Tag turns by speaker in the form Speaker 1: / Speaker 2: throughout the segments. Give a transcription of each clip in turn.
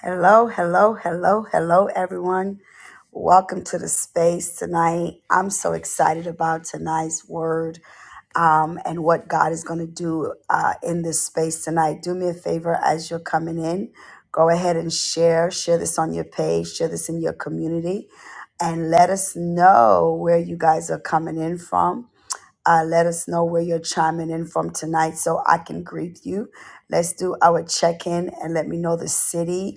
Speaker 1: Hello, hello, hello, hello, everyone. Welcome to the space tonight. I'm so excited about tonight's word um, and what God is going to do uh, in this space tonight. Do me a favor as you're coming in, go ahead and share. Share this on your page, share this in your community, and let us know where you guys are coming in from. Uh, let us know where you're chiming in from tonight so I can greet you. Let's do our check in and let me know the city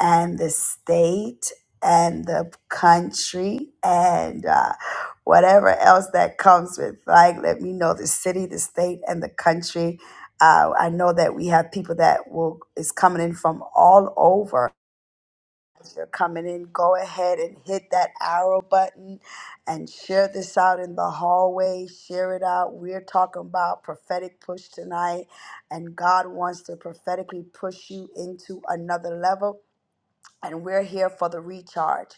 Speaker 1: and the state and the country and uh, whatever else that comes with. Like, let me know the city, the state, and the country. Uh, I know that we have people that will is coming in from all over. If you're coming in, go ahead and hit that arrow button and share this out in the hallway. Share it out. We're talking about prophetic push tonight, and God wants to prophetically push you into another level and we're here for the recharge.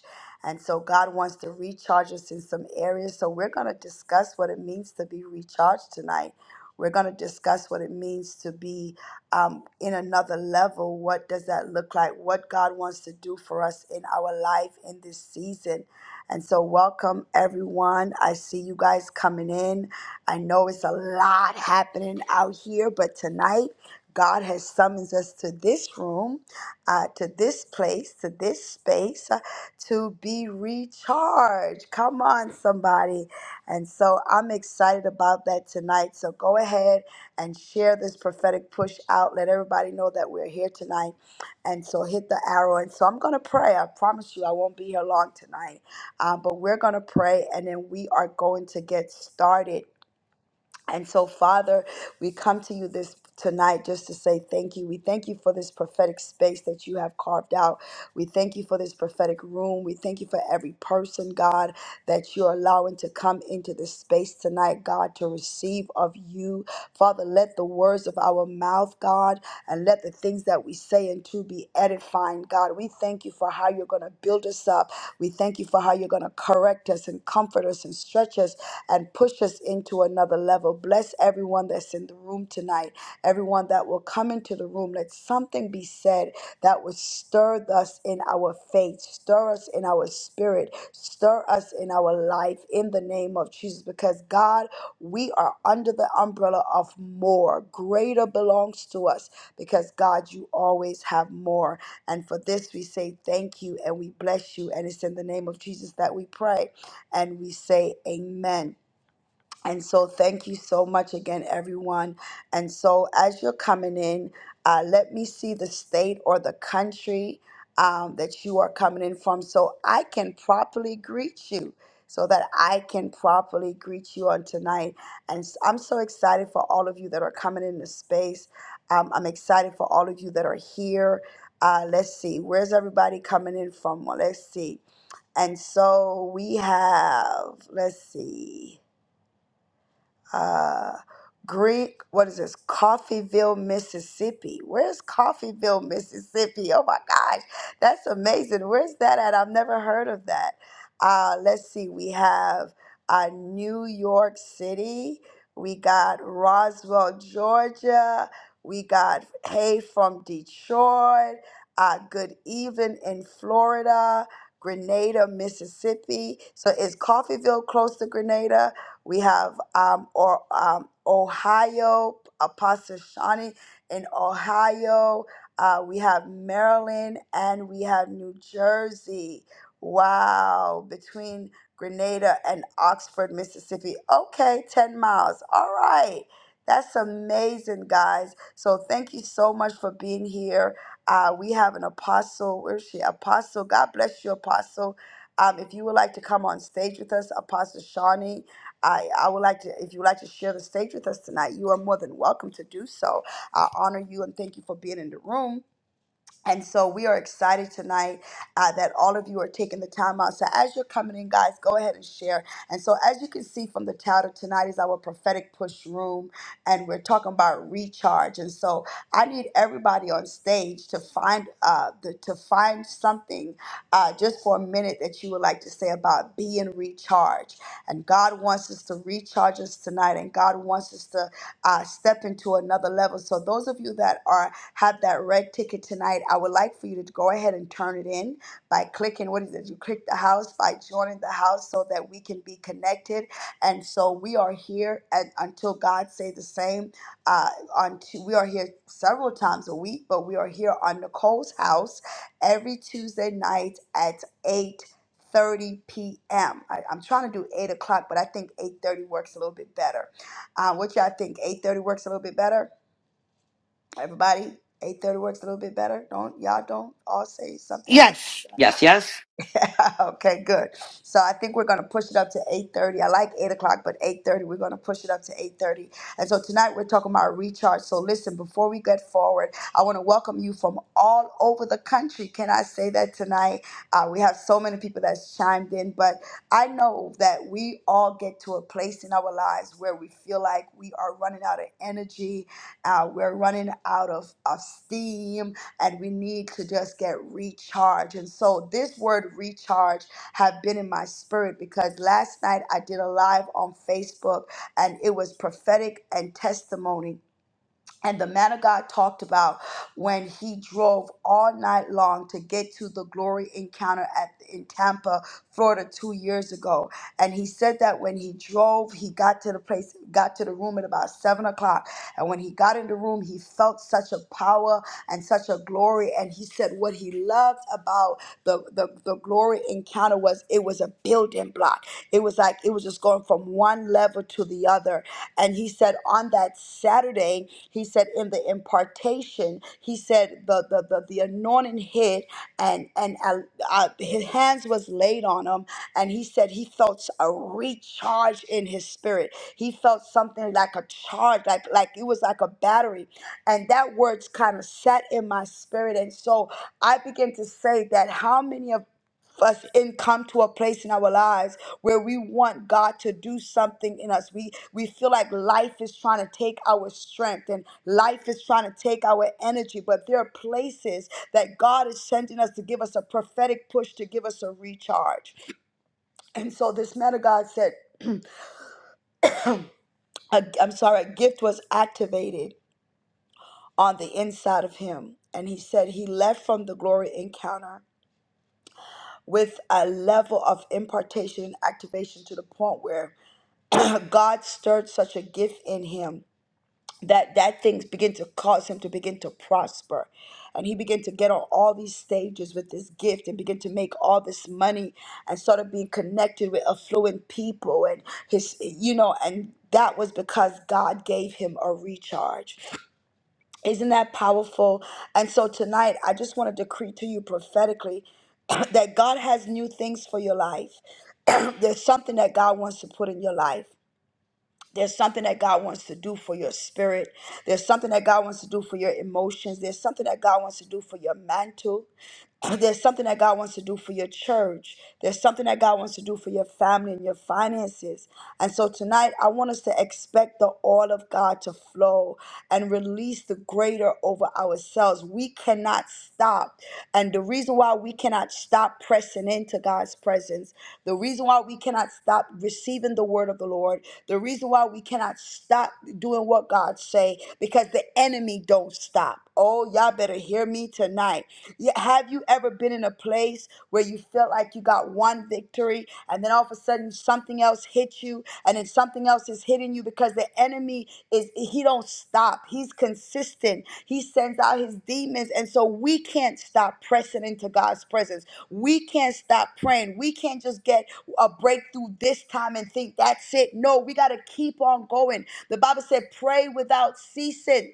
Speaker 1: And so God wants to recharge us in some areas. So we're going to discuss what it means to be recharged tonight. We're going to discuss what it means to be um, in another level. What does that look like? What God wants to do for us in our life in this season. And so, welcome everyone. I see you guys coming in. I know it's a lot happening out here, but tonight God has summoned us to this room uh, to this place, to this space, uh, to be recharged. Come on, somebody. And so I'm excited about that tonight. So go ahead and share this prophetic push out. Let everybody know that we're here tonight. And so hit the arrow. And so I'm going to pray. I promise you, I won't be here long tonight. Um, but we're going to pray and then we are going to get started. And so, Father, we come to you this tonight just to say thank you. We thank you for this prophetic space that you have carved out. We thank you for this prophetic room. We thank you for every person, God, that you're allowing to come into this space tonight, God, to receive of you. Father, let the words of our mouth, God, and let the things that we say and do be edifying, God. We thank you for how you're going to build us up. We thank you for how you're going to correct us and comfort us and stretch us and push us into another level. Bless everyone that's in the room tonight, everyone that will come into the room. Let something be said that would stir us in our faith, stir us in our spirit, stir us in our life in the name of Jesus, because God. We are under the umbrella of more. Greater belongs to us because God, you always have more. And for this, we say thank you and we bless you. And it's in the name of Jesus that we pray and we say amen. And so, thank you so much again, everyone. And so, as you're coming in, uh, let me see the state or the country um, that you are coming in from so I can properly greet you, so that I can properly greet you on tonight. And s- I'm so excited for all of you that are coming into space. Um, I'm excited for all of you that are here. Uh, let's see, where's everybody coming in from? Well, let's see. And so, we have, let's see uh, Greek, what is this? Coffeeville, Mississippi. Where's Coffeeville, Mississippi? Oh my gosh, that's amazing. Where's that at? I've never heard of that. Uh, let's see, we have uh, New York City, we got Roswell, Georgia, we got Hay from Detroit, uh, Good Even in Florida. Grenada, Mississippi. So is Coffeeville close to Grenada? We have um, or um, Ohio Apostle Shawnee in Ohio. Uh, we have Maryland and we have New Jersey. Wow, between Grenada and Oxford, Mississippi. Okay, 10 miles. All right. That's amazing, guys. So thank you so much for being here. Uh, we have an apostle. Where is she? Apostle. God bless you, apostle. Um, if you would like to come on stage with us, Apostle Shawnee, I, I would like to, if you would like to share the stage with us tonight, you are more than welcome to do so. I honor you and thank you for being in the room. And so we are excited tonight uh, that all of you are taking the time out. So as you're coming in, guys, go ahead and share. And so as you can see from the title, tonight is our prophetic push room, and we're talking about recharge. And so I need everybody on stage to find uh, the, to find something uh, just for a minute that you would like to say about being recharged. And God wants us to recharge us tonight, and God wants us to uh, step into another level. So those of you that are have that red ticket tonight, I would like for you to go ahead and turn it in by clicking what is it? You click the house by joining the house so that we can be connected. And so we are here and until God say the same. Uh, on Tu- we are here several times a week, but we are here on Nicole's house every Tuesday night at 8:30 30 p.m. I, am trying to do 8 o'clock, but I think 8.30 works a little bit better. Uh, what y'all think? 8.30 works a little bit better? Everybody, 8:30 works a little bit better. Don't y'all don't all say something.
Speaker 2: Yes, yes.
Speaker 1: okay, good. So I think we're gonna push it up to eight thirty. I like eight o'clock, but eight thirty, we're gonna push it up to eight thirty. And so tonight we're talking about recharge. So listen, before we get forward, I want to welcome you from all over the country. Can I say that tonight? Uh, we have so many people that's chimed in, but I know that we all get to a place in our lives where we feel like we are running out of energy, uh, we're running out of, of steam and we need to just get recharged. And so this word recharge have been in my spirit because last night I did a live on Facebook and it was prophetic and testimony and the man of God talked about when he drove all night long to get to the glory encounter at in Tampa, Florida, two years ago. And he said that when he drove, he got to the place, got to the room at about seven o'clock. And when he got in the room, he felt such a power and such a glory. And he said what he loved about the the, the glory encounter was it was a building block. It was like it was just going from one level to the other. And he said on that Saturday he said in the impartation, he said the the the, the anointing hit and and uh, uh, his hands was laid on him, and he said he felt a recharge in his spirit. He felt something like a charge, like like it was like a battery, and that words kind of sat in my spirit, and so I began to say that how many of us and come to a place in our lives where we want God to do something in us. We we feel like life is trying to take our strength and life is trying to take our energy, but there are places that God is sending us to give us a prophetic push to give us a recharge. And so this man of God said, a, I'm sorry, a gift was activated on the inside of him. And he said he left from the glory encounter with a level of impartation and activation to the point where God stirred such a gift in him that that things begin to cause him to begin to prosper and he began to get on all these stages with this gift and begin to make all this money and started being connected with affluent people and his you know and that was because God gave him a recharge. Isn't that powerful? And so tonight, I just want to decree to you prophetically that God has new things for your life. There's something that God wants to put in your life. There's something that God wants to do for your spirit. There's something that God wants to do for your emotions. There's something that God wants to do for your mantle there's something that God wants to do for your church. There's something that God wants to do for your family and your finances. And so tonight, I want us to expect the oil of God to flow and release the greater over ourselves. We cannot stop. And the reason why we cannot stop pressing into God's presence, the reason why we cannot stop receiving the word of the Lord, the reason why we cannot stop doing what God say, because the enemy don't stop. Oh, y'all better hear me tonight. Y- Have you ever been in a place where you felt like you got one victory and then all of a sudden something else hit you and then something else is hitting you because the enemy is he don't stop. He's consistent. He sends out his demons and so we can't stop pressing into God's presence. We can't stop praying. We can't just get a breakthrough this time and think that's it. No, we got to keep on going. The Bible said pray without ceasing.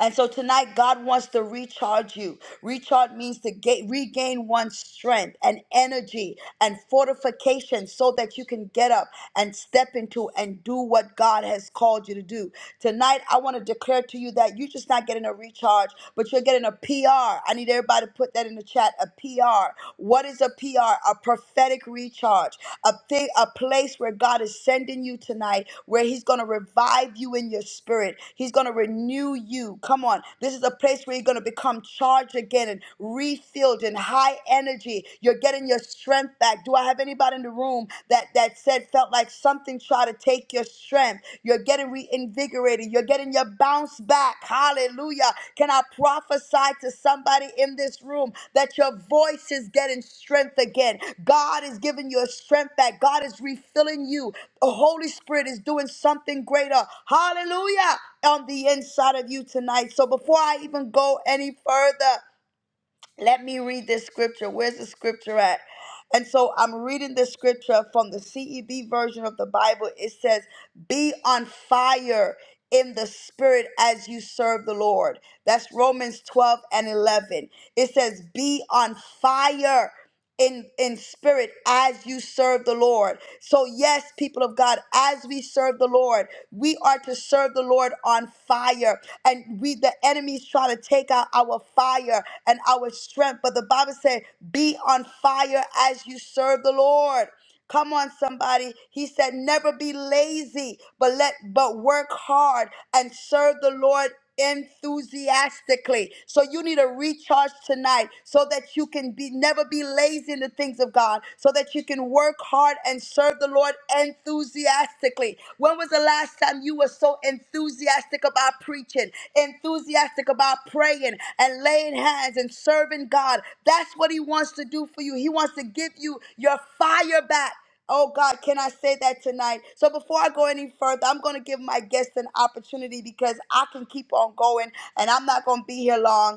Speaker 1: And so tonight, God wants to recharge you. Recharge means to ga- regain one's strength and energy and fortification so that you can get up and step into and do what God has called you to do. Tonight, I want to declare to you that you're just not getting a recharge, but you're getting a PR. I need everybody to put that in the chat. A PR. What is a PR? A prophetic recharge. A thing, a place where God is sending you tonight, where He's going to revive you in your spirit. He's going to renew you. Come on. This is a place where you're going to become charged again and refilled and high energy. You're getting your strength back. Do I have anybody? in the the room that that said felt like something tried to take your strength. You're getting reinvigorated. You're getting your bounce back. Hallelujah. Can I prophesy to somebody in this room that your voice is getting strength again? God is giving you a strength back. God is refilling you. The Holy Spirit is doing something greater. Hallelujah. On the inside of you tonight. So before I even go any further, let me read this scripture. Where's the scripture at? And so I'm reading this scripture from the CEB version of the Bible. It says, Be on fire in the spirit as you serve the Lord. That's Romans 12 and 11. It says, Be on fire. In, in spirit as you serve the Lord. So, yes, people of God, as we serve the Lord, we are to serve the Lord on fire. and we the enemies try to take out our fire and our strength. But the Bible said, be on fire as you serve the Lord. Come on, somebody. He said, never be lazy, but let but work hard and serve the Lord enthusiastically. So you need a recharge tonight so that you can be never be lazy in the things of God, so that you can work hard and and serve the Lord enthusiastically. When was the last time you were so enthusiastic about preaching, enthusiastic about praying and laying hands and serving God? That's what He wants to do for you. He wants to give you your fire back. Oh God, can I say that tonight? So before I go any further, I'm going to give my guests an opportunity because I can keep on going and I'm not going to be here long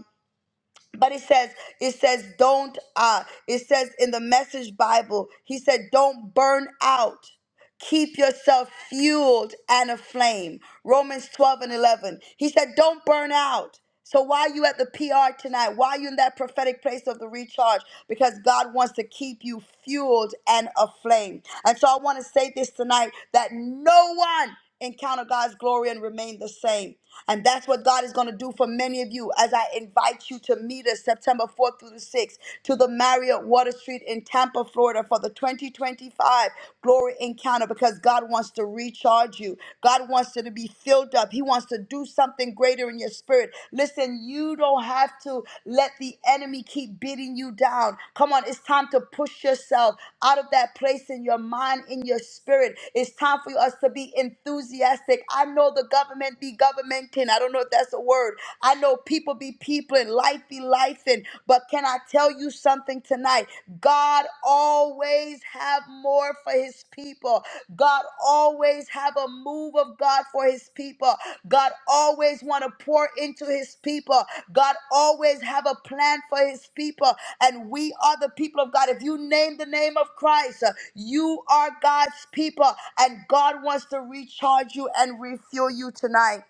Speaker 1: but it says it says don't uh it says in the message bible he said don't burn out keep yourself fueled and aflame romans 12 and 11 he said don't burn out so why you at the pr tonight why you in that prophetic place of the recharge because god wants to keep you fueled and aflame and so i want to say this tonight that no one encounter god's glory and remain the same and that's what God is going to do for many of you as I invite you to meet us September 4th through the 6th to the Marriott Water Street in Tampa, Florida for the 2025 Glory Encounter because God wants to recharge you. God wants you to be filled up. He wants to do something greater in your spirit. Listen, you don't have to let the enemy keep beating you down. Come on, it's time to push yourself out of that place in your mind, in your spirit. It's time for us to be enthusiastic. I know the government be governing governmenting. I don't know if that's a word. I know people be people and life be life and but can I tell you something tonight? God always have more for his people. God always have a move of God for his people. God always want to pour into his people. God always have a plan for his people and we are the people of God. If you name the name of Christ, uh, you are God's people and God wants to recharge you and refuel you tonight.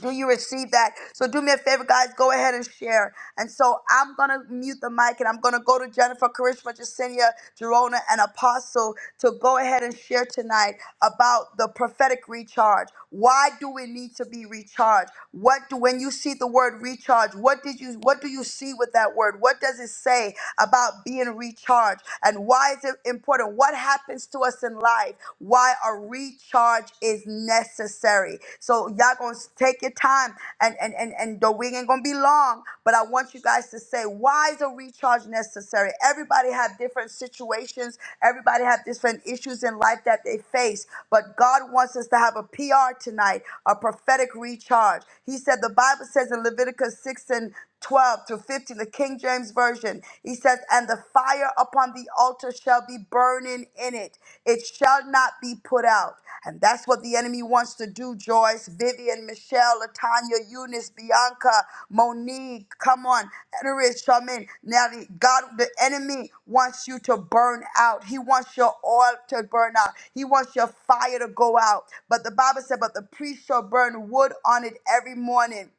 Speaker 1: Do you receive that? So do me a favor, guys. Go ahead and share. And so I'm gonna mute the mic, and I'm gonna go to Jennifer Karishma, Jacinia, Jerona, and Apostle to go ahead and share tonight about the prophetic recharge. Why do we need to be recharged? What do when you see the word recharge? What did you What do you see with that word? What does it say about being recharged? And why is it important? What happens to us in life? why a recharge is necessary. So y'all gonna take your time and and and, and the wing ain't gonna be long, but I want you guys to say why is a recharge necessary? Everybody have different situations, everybody have different issues in life that they face, but God wants us to have a PR tonight, a prophetic recharge. He said the Bible says in Leviticus 6 and 12 through 15, the King James Version. He says, And the fire upon the altar shall be burning in it, it shall not be put out. And that's what the enemy wants to do, Joyce, Vivian, Michelle, Latanya, Eunice, Bianca, Monique, come on, Edoris, Charmaine. Now, the, God, the enemy wants you to burn out. He wants your oil to burn out. He wants your fire to go out. But the Bible said, But the priest shall burn wood on it every morning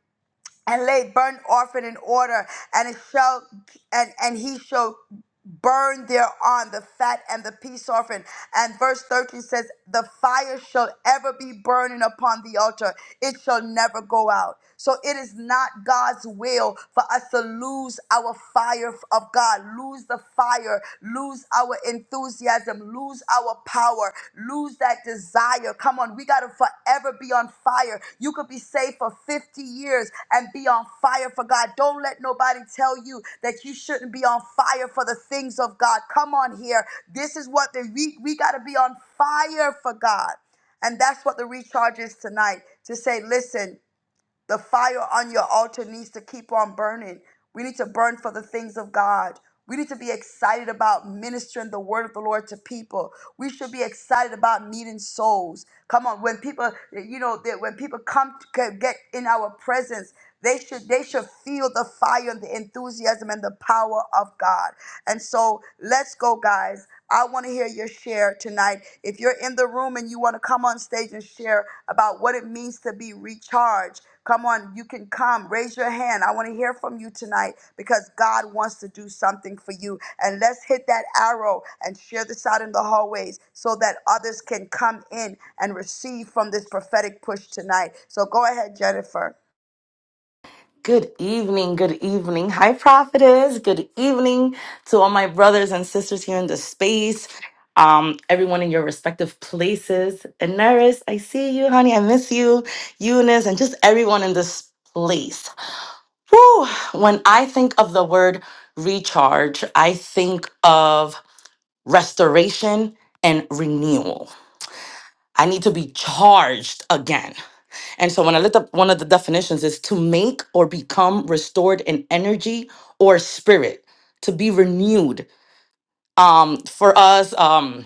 Speaker 1: and lay burnt offering in order, and it shall and and he shall burn thereon the fat and the peace offering. And verse 13 says, The fire shall ever be burning upon the altar, it shall never go out. So it is not God's will for us to lose our fire of God, lose the fire, lose our enthusiasm enthusiasm, lose our power, lose that desire. Come on, we got to forever be on fire. You could be saved for 50 years and be on fire for God. Don't let nobody tell you that you shouldn't be on fire for the things of God. Come on here. This is what the we, we got to be on fire for God. And that's what the recharge is tonight to say, listen, the fire on your altar needs to keep on burning. We need to burn for the things of God. We need to be excited about ministering the word of the Lord to people. We should be excited about meeting souls. Come on, when people, you know, that when people come to get in our presence, they should they should feel the fire and the enthusiasm and the power of God. And so, let's go, guys. I want to hear your share tonight. If you're in the room and you want to come on stage and share about what it means to be recharged, come on, you can come. Raise your hand. I want to hear from you tonight because God wants to do something for you. And let's hit that arrow and share this out in the hallways so that others can come in and receive from this prophetic push tonight. So go ahead, Jennifer.
Speaker 2: Good evening, good evening. Hi, prophetess. Good evening to all my brothers and sisters here in the space, um, everyone in your respective places. And Naris, I see you, honey. I miss you, Eunice, and just everyone in this place. Whew. When I think of the word recharge, I think of restoration and renewal. I need to be charged again. And so when I looked up one of the definitions is to make or become restored in energy or spirit, to be renewed. Um, for us, um,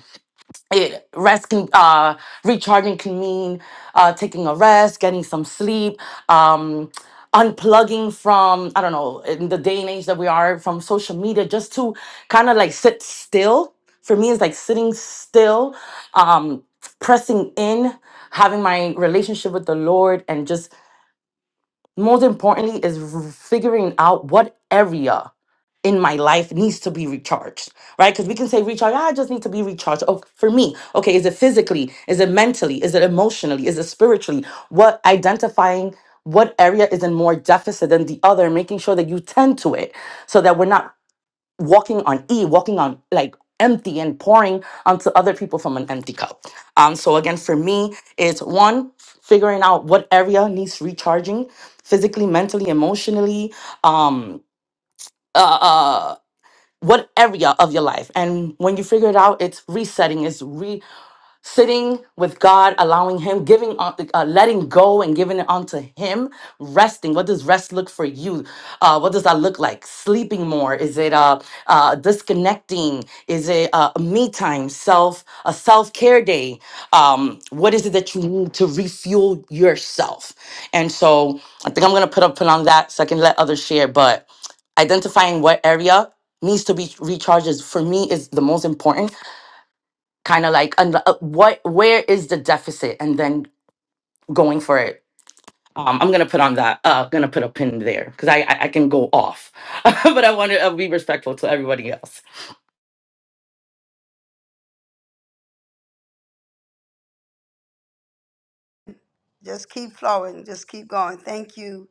Speaker 2: it rest can uh recharging can mean uh taking a rest, getting some sleep, um unplugging from I don't know, in the day and age that we are from social media, just to kind of like sit still. For me, it's like sitting still, um, pressing in, having my relationship with the Lord and just most importantly, is r- figuring out what area in my life needs to be recharged, right? Because we can say recharge, "Ah, I just need to be recharged. Oh, for me, okay, is it physically? Is it mentally? Is it emotionally? Is it spiritually? What identifying what area is in more deficit than the other, making sure that you tend to it so that we're not walking on E, walking on like empty and pouring onto other people from an empty cup. Um, so again, for me, it's one figuring out what area needs recharging, physically, mentally, emotionally, um, uh, uh, what area of your life. And when you figure it out, it's resetting, it's re sitting with God, allowing Him, giving, on- uh, letting go, and giving it onto Him. Resting. What does rest look for you? Uh, what does that look like? Sleeping more? Is it uh, uh, disconnecting? Is it uh, me time? Self a self care day? Um, what is it that you need to refuel yourself? And so I think I'm gonna put up put on that so I can let others share. But identifying what area needs to be recharged is for me is the most important kind of like and uh, what where is the deficit and then going for it um, i'm gonna put on that uh gonna put a pin there because I, I i can go off but i want to uh, be respectful to everybody else
Speaker 1: just keep flowing, just keep going. Thank you.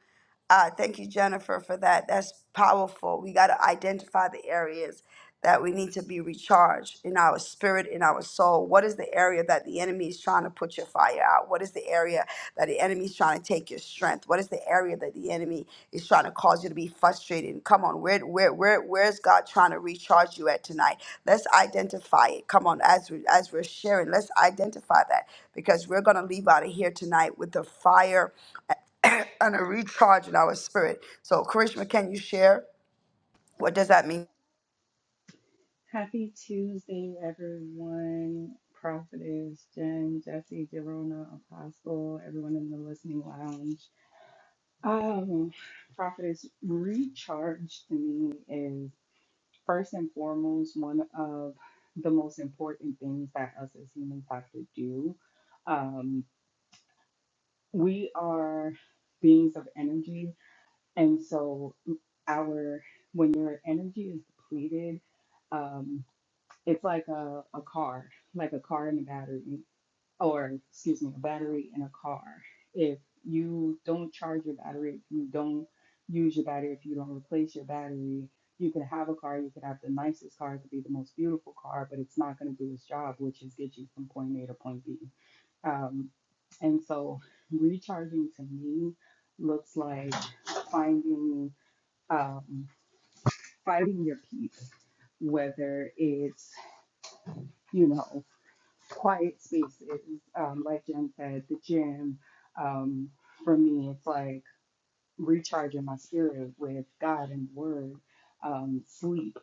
Speaker 1: Uh, thank you, Jennifer, for that. That's powerful. We got to identify the areas that we need to be recharged in our spirit, in our soul. What is the area that the enemy is trying to put your fire out? What is the area that the enemy is trying to take your strength? What is the area that the enemy is trying to cause you to be frustrated? And Come on, where, where, where, where's God trying to recharge you at tonight? Let's identify it. Come on, as we, as we're sharing, let's identify that because we're going to leave out of here tonight with the fire and a recharge in our spirit. So, Karishma, can you share? What does that mean?
Speaker 3: Happy Tuesday, everyone. Prophetess Jen, Jesse, Jerona, Apostle, everyone in the listening lounge. Um, Prophetess Recharge to me is first and foremost one of the most important things that us as humans have to do. Um, we are beings of energy, and so our when your energy is depleted, um, It's like a, a car, like a car and a battery, or excuse me, a battery and a car. If you don't charge your battery, if you don't use your battery, if you don't replace your battery, you can have a car, you could have the nicest car, it could be the most beautiful car, but it's not going to do its job, which is get you from point A to point B. Um, and so recharging to me looks like finding um, finding your peace, whether it's you know quiet spaces. Um, like Jen said, the gym. Um, for me, it's like recharging my spirit with God and the Word, um, sleep,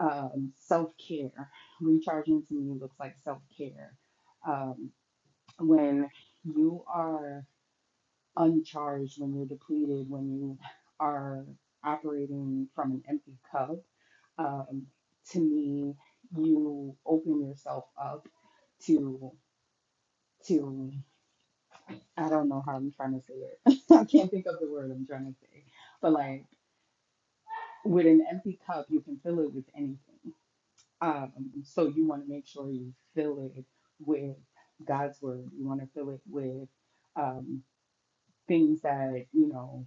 Speaker 3: um, self care. Recharging to me looks like self care. Um, when you are uncharged, when you're depleted, when you are operating from an empty cup, um, to me, you open yourself up to to I don't know how I'm trying to say it. I can't think of the word I'm trying to say. But like with an empty cup, you can fill it with anything. Um, so you want to make sure you fill it with God's word. You want to fill it with um, things that you know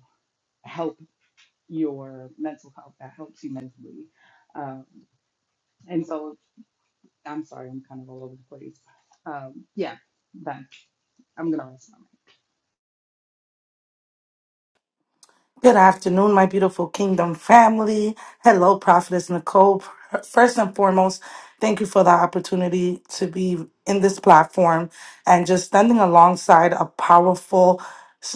Speaker 3: help your mental health, that helps you mentally. Um, and so I'm sorry, I'm kind of all over the place. Um, yeah, that's I'm gonna rest.
Speaker 4: Good afternoon, my beautiful kingdom family. Hello, Prophetess Nicole. First and foremost, thank you for the opportunity to be in this platform and just standing alongside a powerful,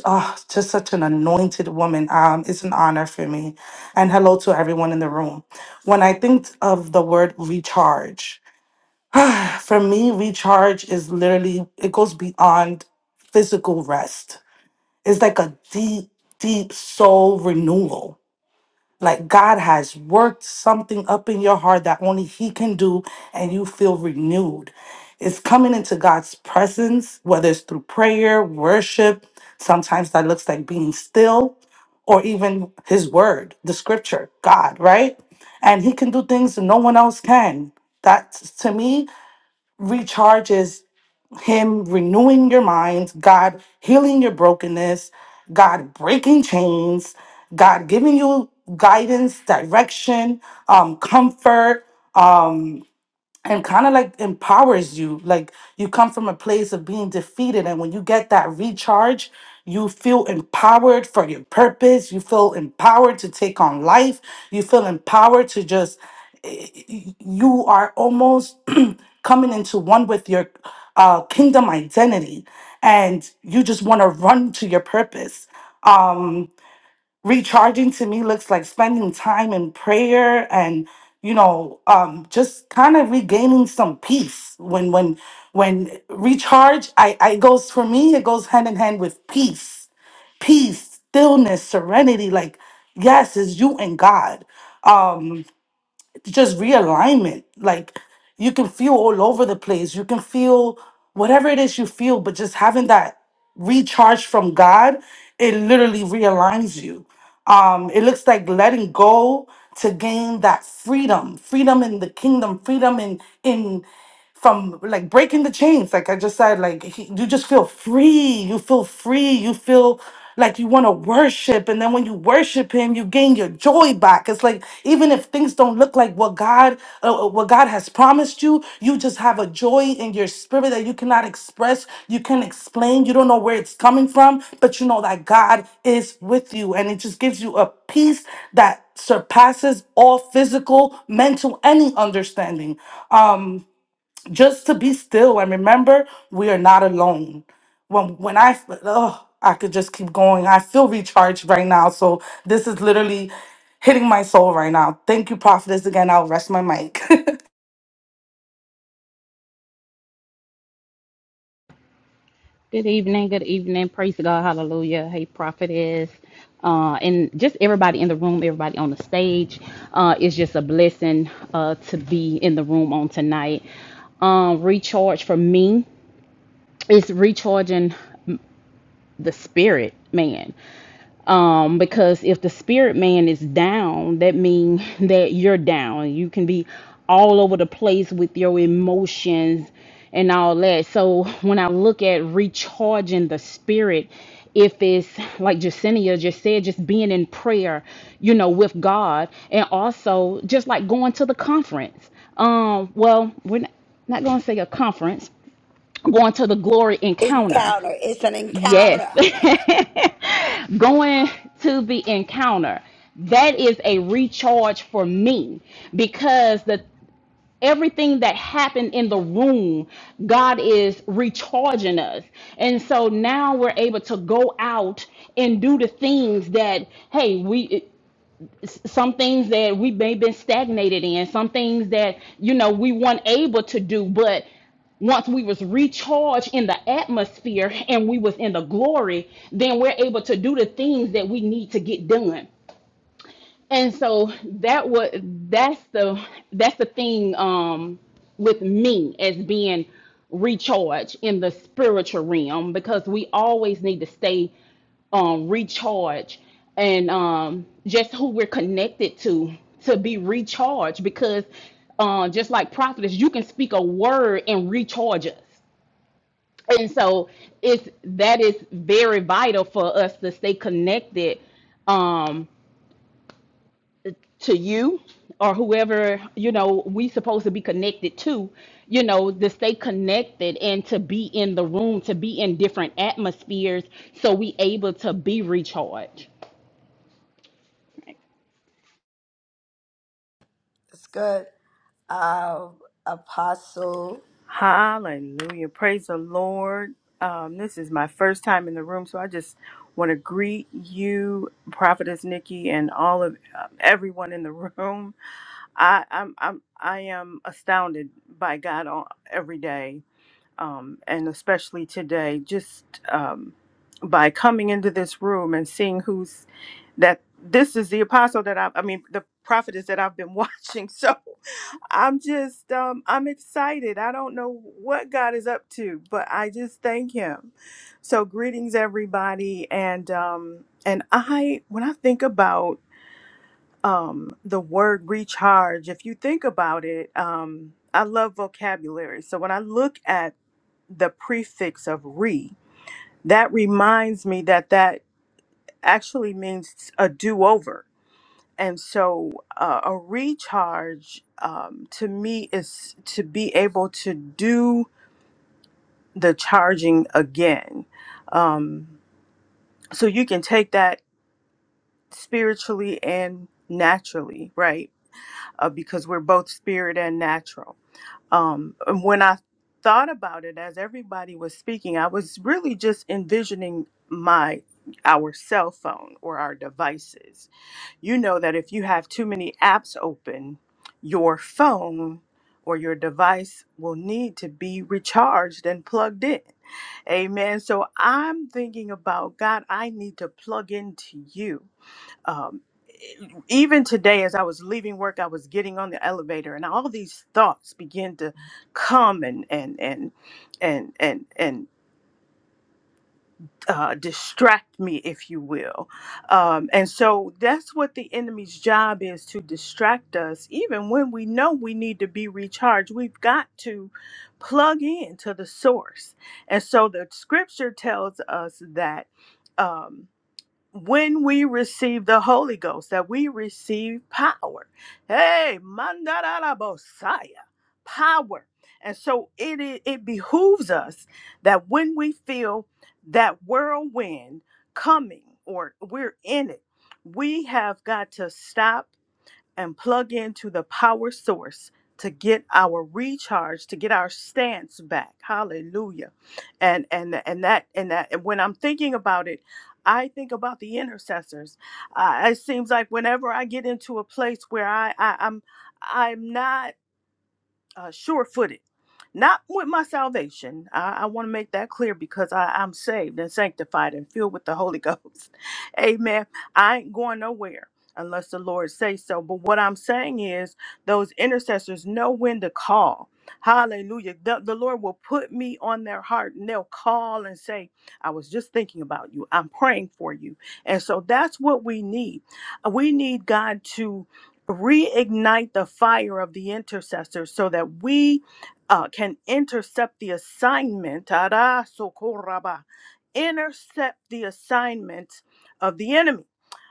Speaker 4: uh, just such an anointed woman. Um, it's an honor for me. And hello to everyone in the room. When I think of the word recharge, for me, recharge is literally, it goes beyond physical rest. It's like a deep, deep soul renewal like God has worked something up in your heart that only He can do, and you feel renewed. It's coming into God's presence, whether it's through prayer, worship, sometimes that looks like being still, or even His Word, the scripture, God, right? And He can do things that no one else can. That to me recharges him renewing your mind, God healing your brokenness, God breaking chains, God giving you guidance, direction, um, comfort. um, and kind of like empowers you like you come from a place of being defeated and when you get that recharge you feel empowered for your purpose you feel empowered to take on life you feel empowered to just y- y- you are almost coming into one with your uh, kingdom identity and you just want to run to your purpose Um, recharging to me looks like spending time in prayer and you know um just kind of regaining some peace when when when recharge i i goes for me it goes hand in hand with peace peace stillness serenity like yes it's you and god Um, just realignment. Like you can feel all over the place. You can feel whatever it is you feel, but just having that recharge from God, it literally realigns you. Um, it looks like letting go to gain that freedom, freedom in the kingdom, freedom in in from like breaking the chains like i just said like he, you just feel free you feel free you feel like you want to worship and then when you worship him you gain your joy back it's like even if things don't look like what god uh, uh, what god has promised you you just have a joy in your spirit that you cannot express you can explain you don't know where it's coming from but you know that god is with you and it just gives you a peace that surpasses all physical mental any understanding Um, just to be still and remember we are not alone. When when I oh I could just keep going. I feel recharged right now. So this is literally hitting my soul right now. Thank you, prophetess. Again, I'll rest my mic.
Speaker 5: Good evening, good evening. Praise God, hallelujah. Hey, prophetess. Uh, and just everybody in the room, everybody on the stage. Uh, it's just a blessing uh, to be in the room on tonight. Um, recharge for me is recharging the spirit, man um because if the spirit man is down that means that you're down you can be all over the place with your emotions and all that so when i look at recharging the spirit if it's like Jacinia just said, just being in prayer, you know, with God, and also just like going to the conference. Um, well, we're not, not going to say a conference, going to the glory encounter.
Speaker 1: Encounter. It's an
Speaker 5: Yes,
Speaker 1: encounter.
Speaker 5: going to the encounter that is a recharge for me because the everything that happened in the room god is recharging us and so now we're able to go out and do the things that hey we some things that we may have been stagnated in, some things that you know we weren't able to do, but once we was recharged in the atmosphere and we was in the glory, then we're able to do the things that we need to get done and so that was that's the that's the thing um with me as being recharged in the spiritual realm because we always need to stay um recharged and um just who we're connected to to be recharged because uh, just like prophets you can speak a word and recharge us and so it's that is very vital for us to stay connected um, to you or whoever you know we supposed to be connected to you know to stay connected and to be in the room to be in different atmospheres so we able to be recharged
Speaker 1: That's good. Uh, Apostle.
Speaker 6: Hallelujah. Praise the Lord. Um, this is my first time in the room, so I just want to greet you, Prophetess Nikki, and all of uh, everyone in the room. I, I'm, I'm, I am astounded by God all, every day, um, and especially today, just um, by coming into this room and seeing who's that. This is the apostle that I, I mean, the prophetess that I've been watching. So I'm just um I'm excited. I don't know what God is up to, but I just thank him. So greetings everybody and um and I when I think about um the word recharge, if you think about it, um I love vocabulary. So when I look at the prefix of re, that reminds me that that actually means a do-over and so uh, a recharge um, to me is to be able to do the charging again um, so you can take that spiritually and naturally right uh, because we're both spirit and natural um, and when i thought about it as everybody was speaking i was really just envisioning my our cell phone or our devices you know that if you have too many apps open, your phone or your device will need to be recharged and plugged in. Amen. So I'm thinking about God, I need to plug into you. Um, e, even today, as I was leaving work, I was getting on the elevator, and all these thoughts began to come and and and and and and, uh, distract me, if you will. Um, and so that's what the enemy's job is to distract us, even when we know we need to be recharged. We've got to plug in to the source. And so the scripture tells us that. Um, when we receive the Holy Ghost, that we receive power. Hey, mandarabosaya, power. And so it, it it behooves us that when we feel that whirlwind coming or we're in it, we have got to stop and plug into the power source to get our recharge to get our stance back hallelujah and and and that and that and when i'm thinking about it i think about the intercessors uh, it seems like whenever i get into a place where i, I i'm i'm not uh, sure footed. Not with my salvation. I, I want to make that clear because I, I'm saved and sanctified and filled with the Holy Ghost. Amen. I ain't going nowhere unless the Lord say so. But what I'm saying is those intercessors know when to call. Hallelujah. The, the Lord will put me on their heart and they'll call and say, I was just thinking about you. I'm praying for you. And so that's what we need. We need God to reignite the fire of the intercessor so that we uh, can intercept the assignment. Ara socorraba. Intercept the assignment of the enemy.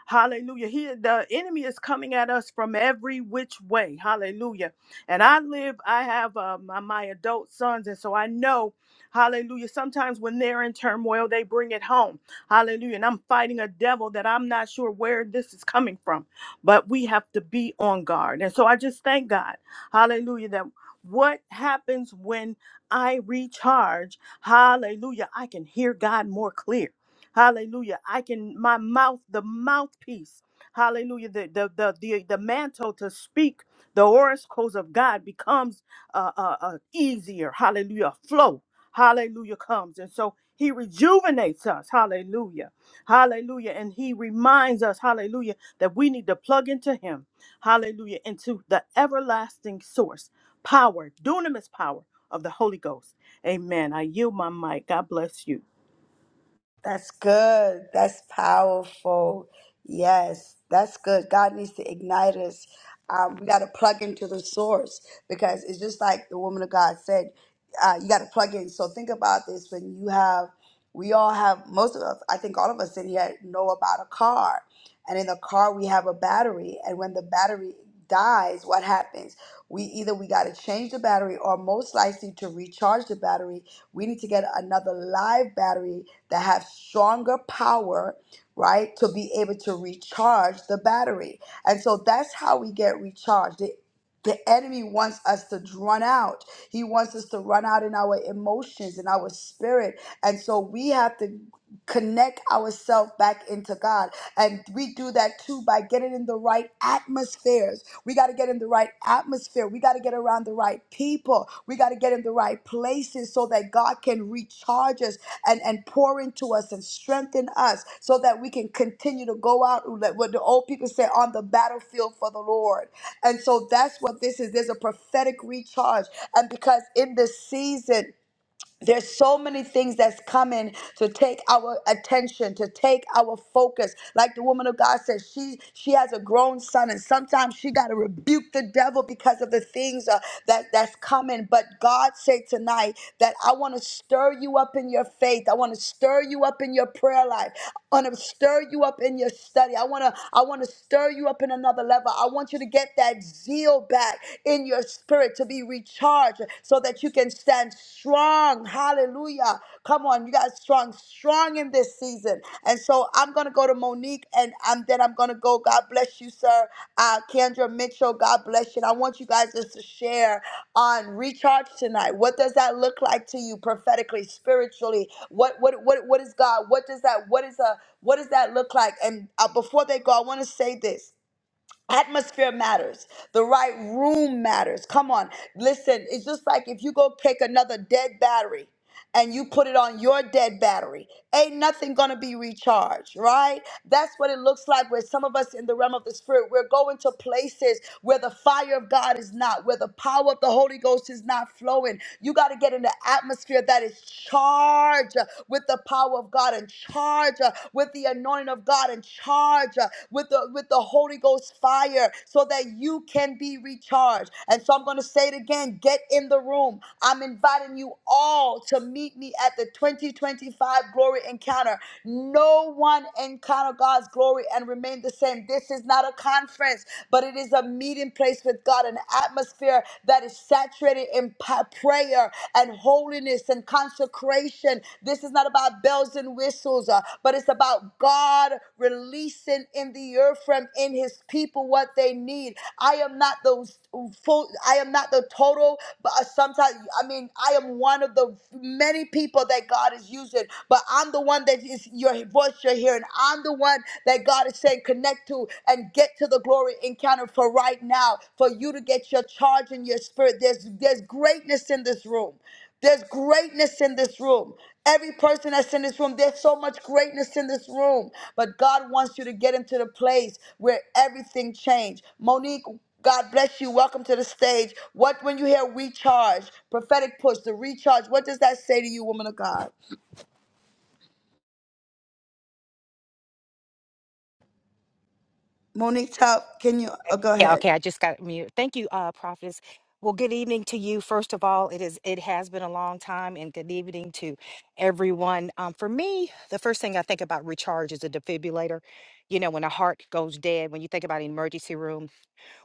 Speaker 6: Hallelujah. He the enemy is coming at us from every which way. Hallelujah. And I live, I have uh, my, my adult sons, and so I know, hallelujah. Sometimes when they're in turmoil, they bring it home. Hallelujah. And I'm fighting a devil that I'm not sure where this is coming from. But we have to be on guard. And so I just thank God. Hallelujah. That what happens when I recharge, hallelujah, I can hear God more clear. Hallelujah. I can my mouth, the mouthpiece, hallelujah, the the the the, the mantle to speak the oracles of God becomes uh, uh, uh easier. Hallelujah. Flow. Hallelujah comes. And so he rejuvenates us. Hallelujah. Hallelujah. And he reminds us, hallelujah, that we need to plug into him. Hallelujah. Into the everlasting source, power, dunamis power of the Holy Ghost. Amen. I yield my mic. God bless you.
Speaker 1: That's good. That's powerful. Yes, that's good. God needs to ignite us. Um, we got to plug into the source because it's just like the woman of God said, uh, you got to plug in. So think about this when you have, we all have, most of us, I think all of us in here know about a car. And in the car, we have a battery. And when the battery dies, what happens? We either we got to change the battery or most likely to recharge the battery, we need to get another live battery that have stronger power, right, to be able to recharge the battery. And so that's how we get recharged. The, the enemy wants us to run out. He wants us to run out in our emotions and our spirit. And so we have to connect ourselves back into God. And we do that too by getting in the right atmospheres we got to get in the right atmosphere. We got to get around the right people. We got to get in the right places so that God can recharge us and, and pour into us and strengthen us so that we can continue to go out, like what the old people say, on the battlefield for the Lord. And so that's what this is. There's a prophetic recharge. And because in this season, there's so many things that's coming to take our attention, to take our focus. Like the woman of God said, she she has a grown son, and sometimes she got to rebuke the devil because of the things uh, that that's coming. But God said tonight that I want to stir you up in your faith. I want to stir you up in your prayer life. I want to stir you up in your study. I want to I want to stir you up in another level. I want you to get that zeal back in your spirit to be recharged so that you can stand strong. Hallelujah. Come on, you got strong, strong in this season. And so I'm going to go to Monique and um, then I'm going to go. God bless you, sir. Uh, Kendra Mitchell, God bless you. And I want you guys just to share on recharge tonight. What does that look like to you prophetically, spiritually? What what what what is God? What does that what is a what does that look like? And uh, before they go, I want to say this. Atmosphere matters. The right room matters. Come on. Listen, it's just like if you go take another dead battery and you put it on your dead battery, ain't nothing gonna be recharged, right? That's what it looks like where some of us in the realm of the spirit, we're going to places where the fire of God is not, where the power of the Holy Ghost is not flowing. You gotta get in the atmosphere that is charged uh, with the power of God and charged uh, with the anointing of God and charged uh, with the with the Holy Ghost fire fire so that you can be recharged. And so I'm going to say it again get in the room. I'm inviting you all to meet me at the 2025 Glory Encounter. No one encounter God's glory and remain the same. This is not a conference, but it is a meeting place with God, an atmosphere that is saturated in pa- prayer and holiness and consecration declaration. This is not about bells and whistles, uh, but it's about God releasing in the earth from in his people what they need. I am not those full, I am not the total, but uh, sometimes, I mean, I am one of the many people that God is using, but I'm the one that is your voice you're hearing. I'm the one that God is saying connect to and get to the glory encounter for right now, for you to get your charge in your spirit. There's, there's greatness in this room. There's greatness in this room. Every person that's in this room, there's so much greatness in this room. But God wants you to get into the place where everything changed. Monique, God bless you. Welcome to the stage. What when you hear recharge, prophetic push, the recharge, what does that say to you, woman of God? Monique, tell, can you oh, go
Speaker 7: Yeah,
Speaker 1: ahead?
Speaker 7: okay, I just got mute. Thank you, uh, Prophetess. Well, good evening to you. First of all, it is it has been a long time, and good evening to everyone. Um, for me, the first thing I think about recharge is a defibrillator. You know, when a heart goes dead, when you think about emergency room,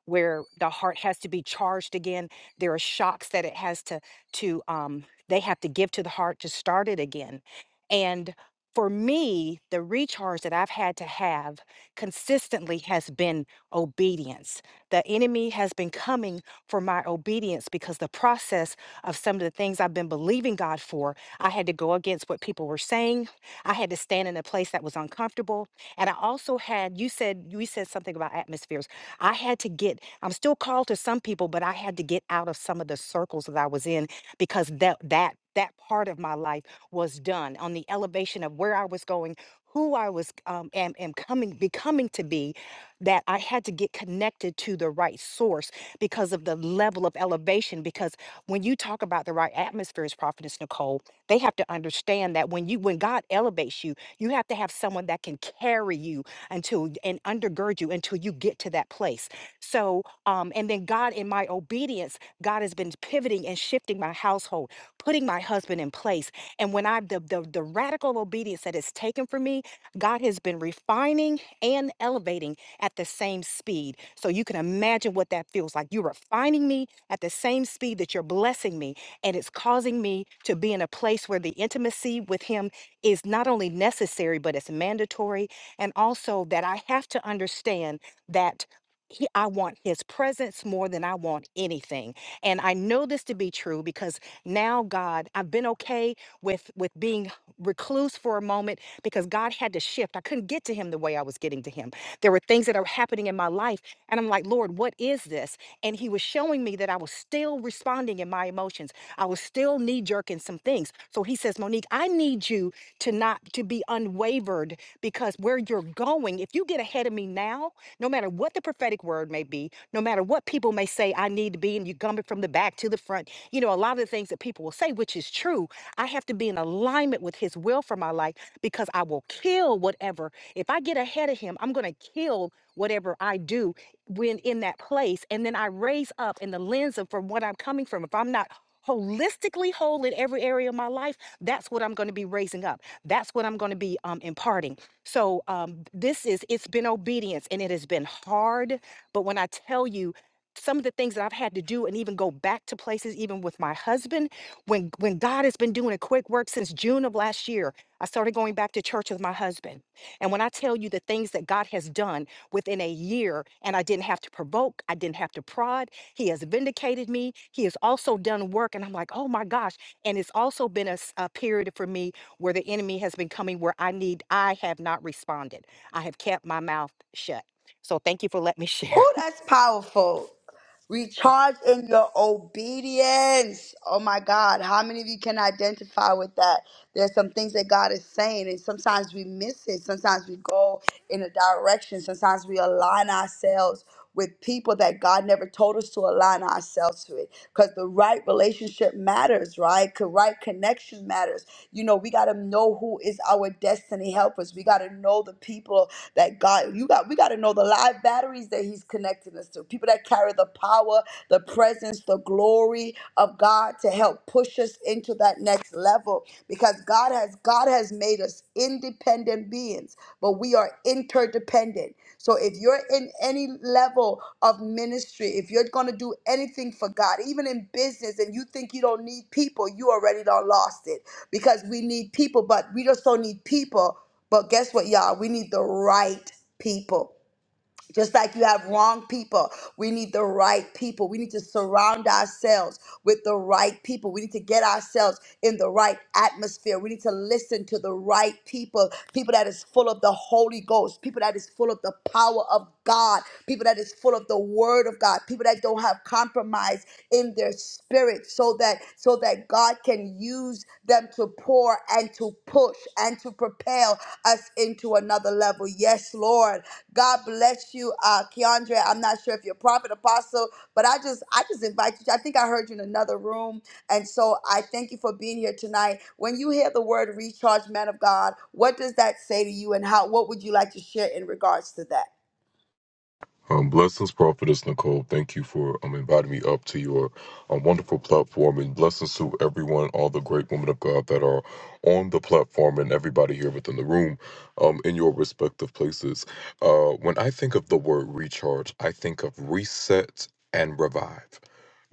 Speaker 7: where the heart has to be charged again. There are shocks that it has to to um, they have to give to the heart to start it again. And for me, the recharge that I've had to have consistently has been obedience. The enemy has been coming for my obedience because the process of some of the things I've been believing God for, I had to go against what people were saying. I had to stand in a place that was uncomfortable. And I also had, you said, you said something about atmospheres. I had to get, I'm still called to some people, but I had to get out of some of the circles that I was in because that, that, that part of my life was done on the elevation of where I was going, who I was, um, am, am coming, becoming to be, that I had to get connected to the right source because of the level of elevation. Because when you talk about the right atmospheres, Prophetess Nicole, they have to understand that when you, when God elevates you, you have to have someone that can carry you until and undergird you until you get to that place. So, um, and then God, in my obedience, God has been pivoting and shifting my household, putting my husband in place. And when I the the, the radical obedience that is taken from me, God has been refining and elevating at the same speed. So you can imagine what that feels like. You're refining me at the same speed that you're blessing me, and it's causing me to be in a place where the intimacy with Him is not only necessary, but it's mandatory. And also that I have to understand that. He, I want his presence more than I want anything. And I know this to be true because now God, I've been okay with with being recluse for a moment because God had to shift. I couldn't get to him the way I was getting to him. There were things that are happening in my life and I'm like, "Lord, what is this?" And he was showing me that I was still responding in my emotions. I was still knee jerking some things. So he says, "Monique, I need you to not to be unwavered because where you're going, if you get ahead of me now, no matter what the prophetic word may be, no matter what people may say I need to be, and you gum it from the back to the front, you know, a lot of the things that people will say, which is true, I have to be in alignment with his will for my life because I will kill whatever. If I get ahead of him, I'm gonna kill whatever I do when in that place. And then I raise up in the lens of from what I'm coming from. If I'm not holistically whole in every area of my life, that's what I'm going to be raising up. That's what I'm going to be um, imparting. So um, this is, it's been obedience and it has been hard. But when I tell you, some of the things that I've had to do and even go back to places, even with my husband, when when God has been doing a quick work since June of last year, I started going back to church with my husband. And when I tell you the things that God has done within a year, and I didn't have to provoke, I didn't have to prod, He has vindicated me. He has also done work. And I'm like, oh my gosh and it's also been a, s- a period for me where the enemy has been coming where i need i have not responded i have kept my mouth shut so thank you for letting me share
Speaker 1: Oh, that's powerful. Recharge in your obedience. Oh my God. How many of you can identify with that? There's some things that God is saying, and sometimes we miss it. Sometimes we go in a direction. Sometimes we align ourselves with people that God never told us to align ourselves with. Because the right relationship matters, right? The right connection matters. You know, we gotta know who is our destiny helpers. We gotta know the people that God you got we gotta know the live batteries that He's connecting us to. People that carry the power, the presence, the glory of God to help push us into that next level. Because God has God has made us independent beings, but we are interdependent. So if you're in any level of ministry, if you're gonna do anything for God, even in business, and you think you don't need people, you already done lost it. Because we need people, but we just don't need people. But guess what, y'all? We need the right people. Just like you have wrong people, we need the right people. We need to surround ourselves with the right people. We need to get ourselves in the right atmosphere. We need to listen to the right people, people that is full of the Holy Ghost, people that is full of the power of God, people that is full of the word of God, people that don't don't have compromise in their spirit so that so that God can use them to pour and to push and to propel us into another level. Yes, Lord. God bless you, uh Keandre. I'm not sure if you're a prophet apostle, but I just I just invite you. I think I heard you in another room. And so I thank you for being here tonight. When you hear the word recharge, man of God, what does that say to you and how what would you like to share in regards to that?
Speaker 8: Um, blessings, Prophetess Nicole. Thank you for um, inviting me up to your um, wonderful platform. And blessings to everyone, all the great women of God that are on the platform and everybody here within the room um, in your respective places. Uh, when I think of the word recharge, I think of reset and revive.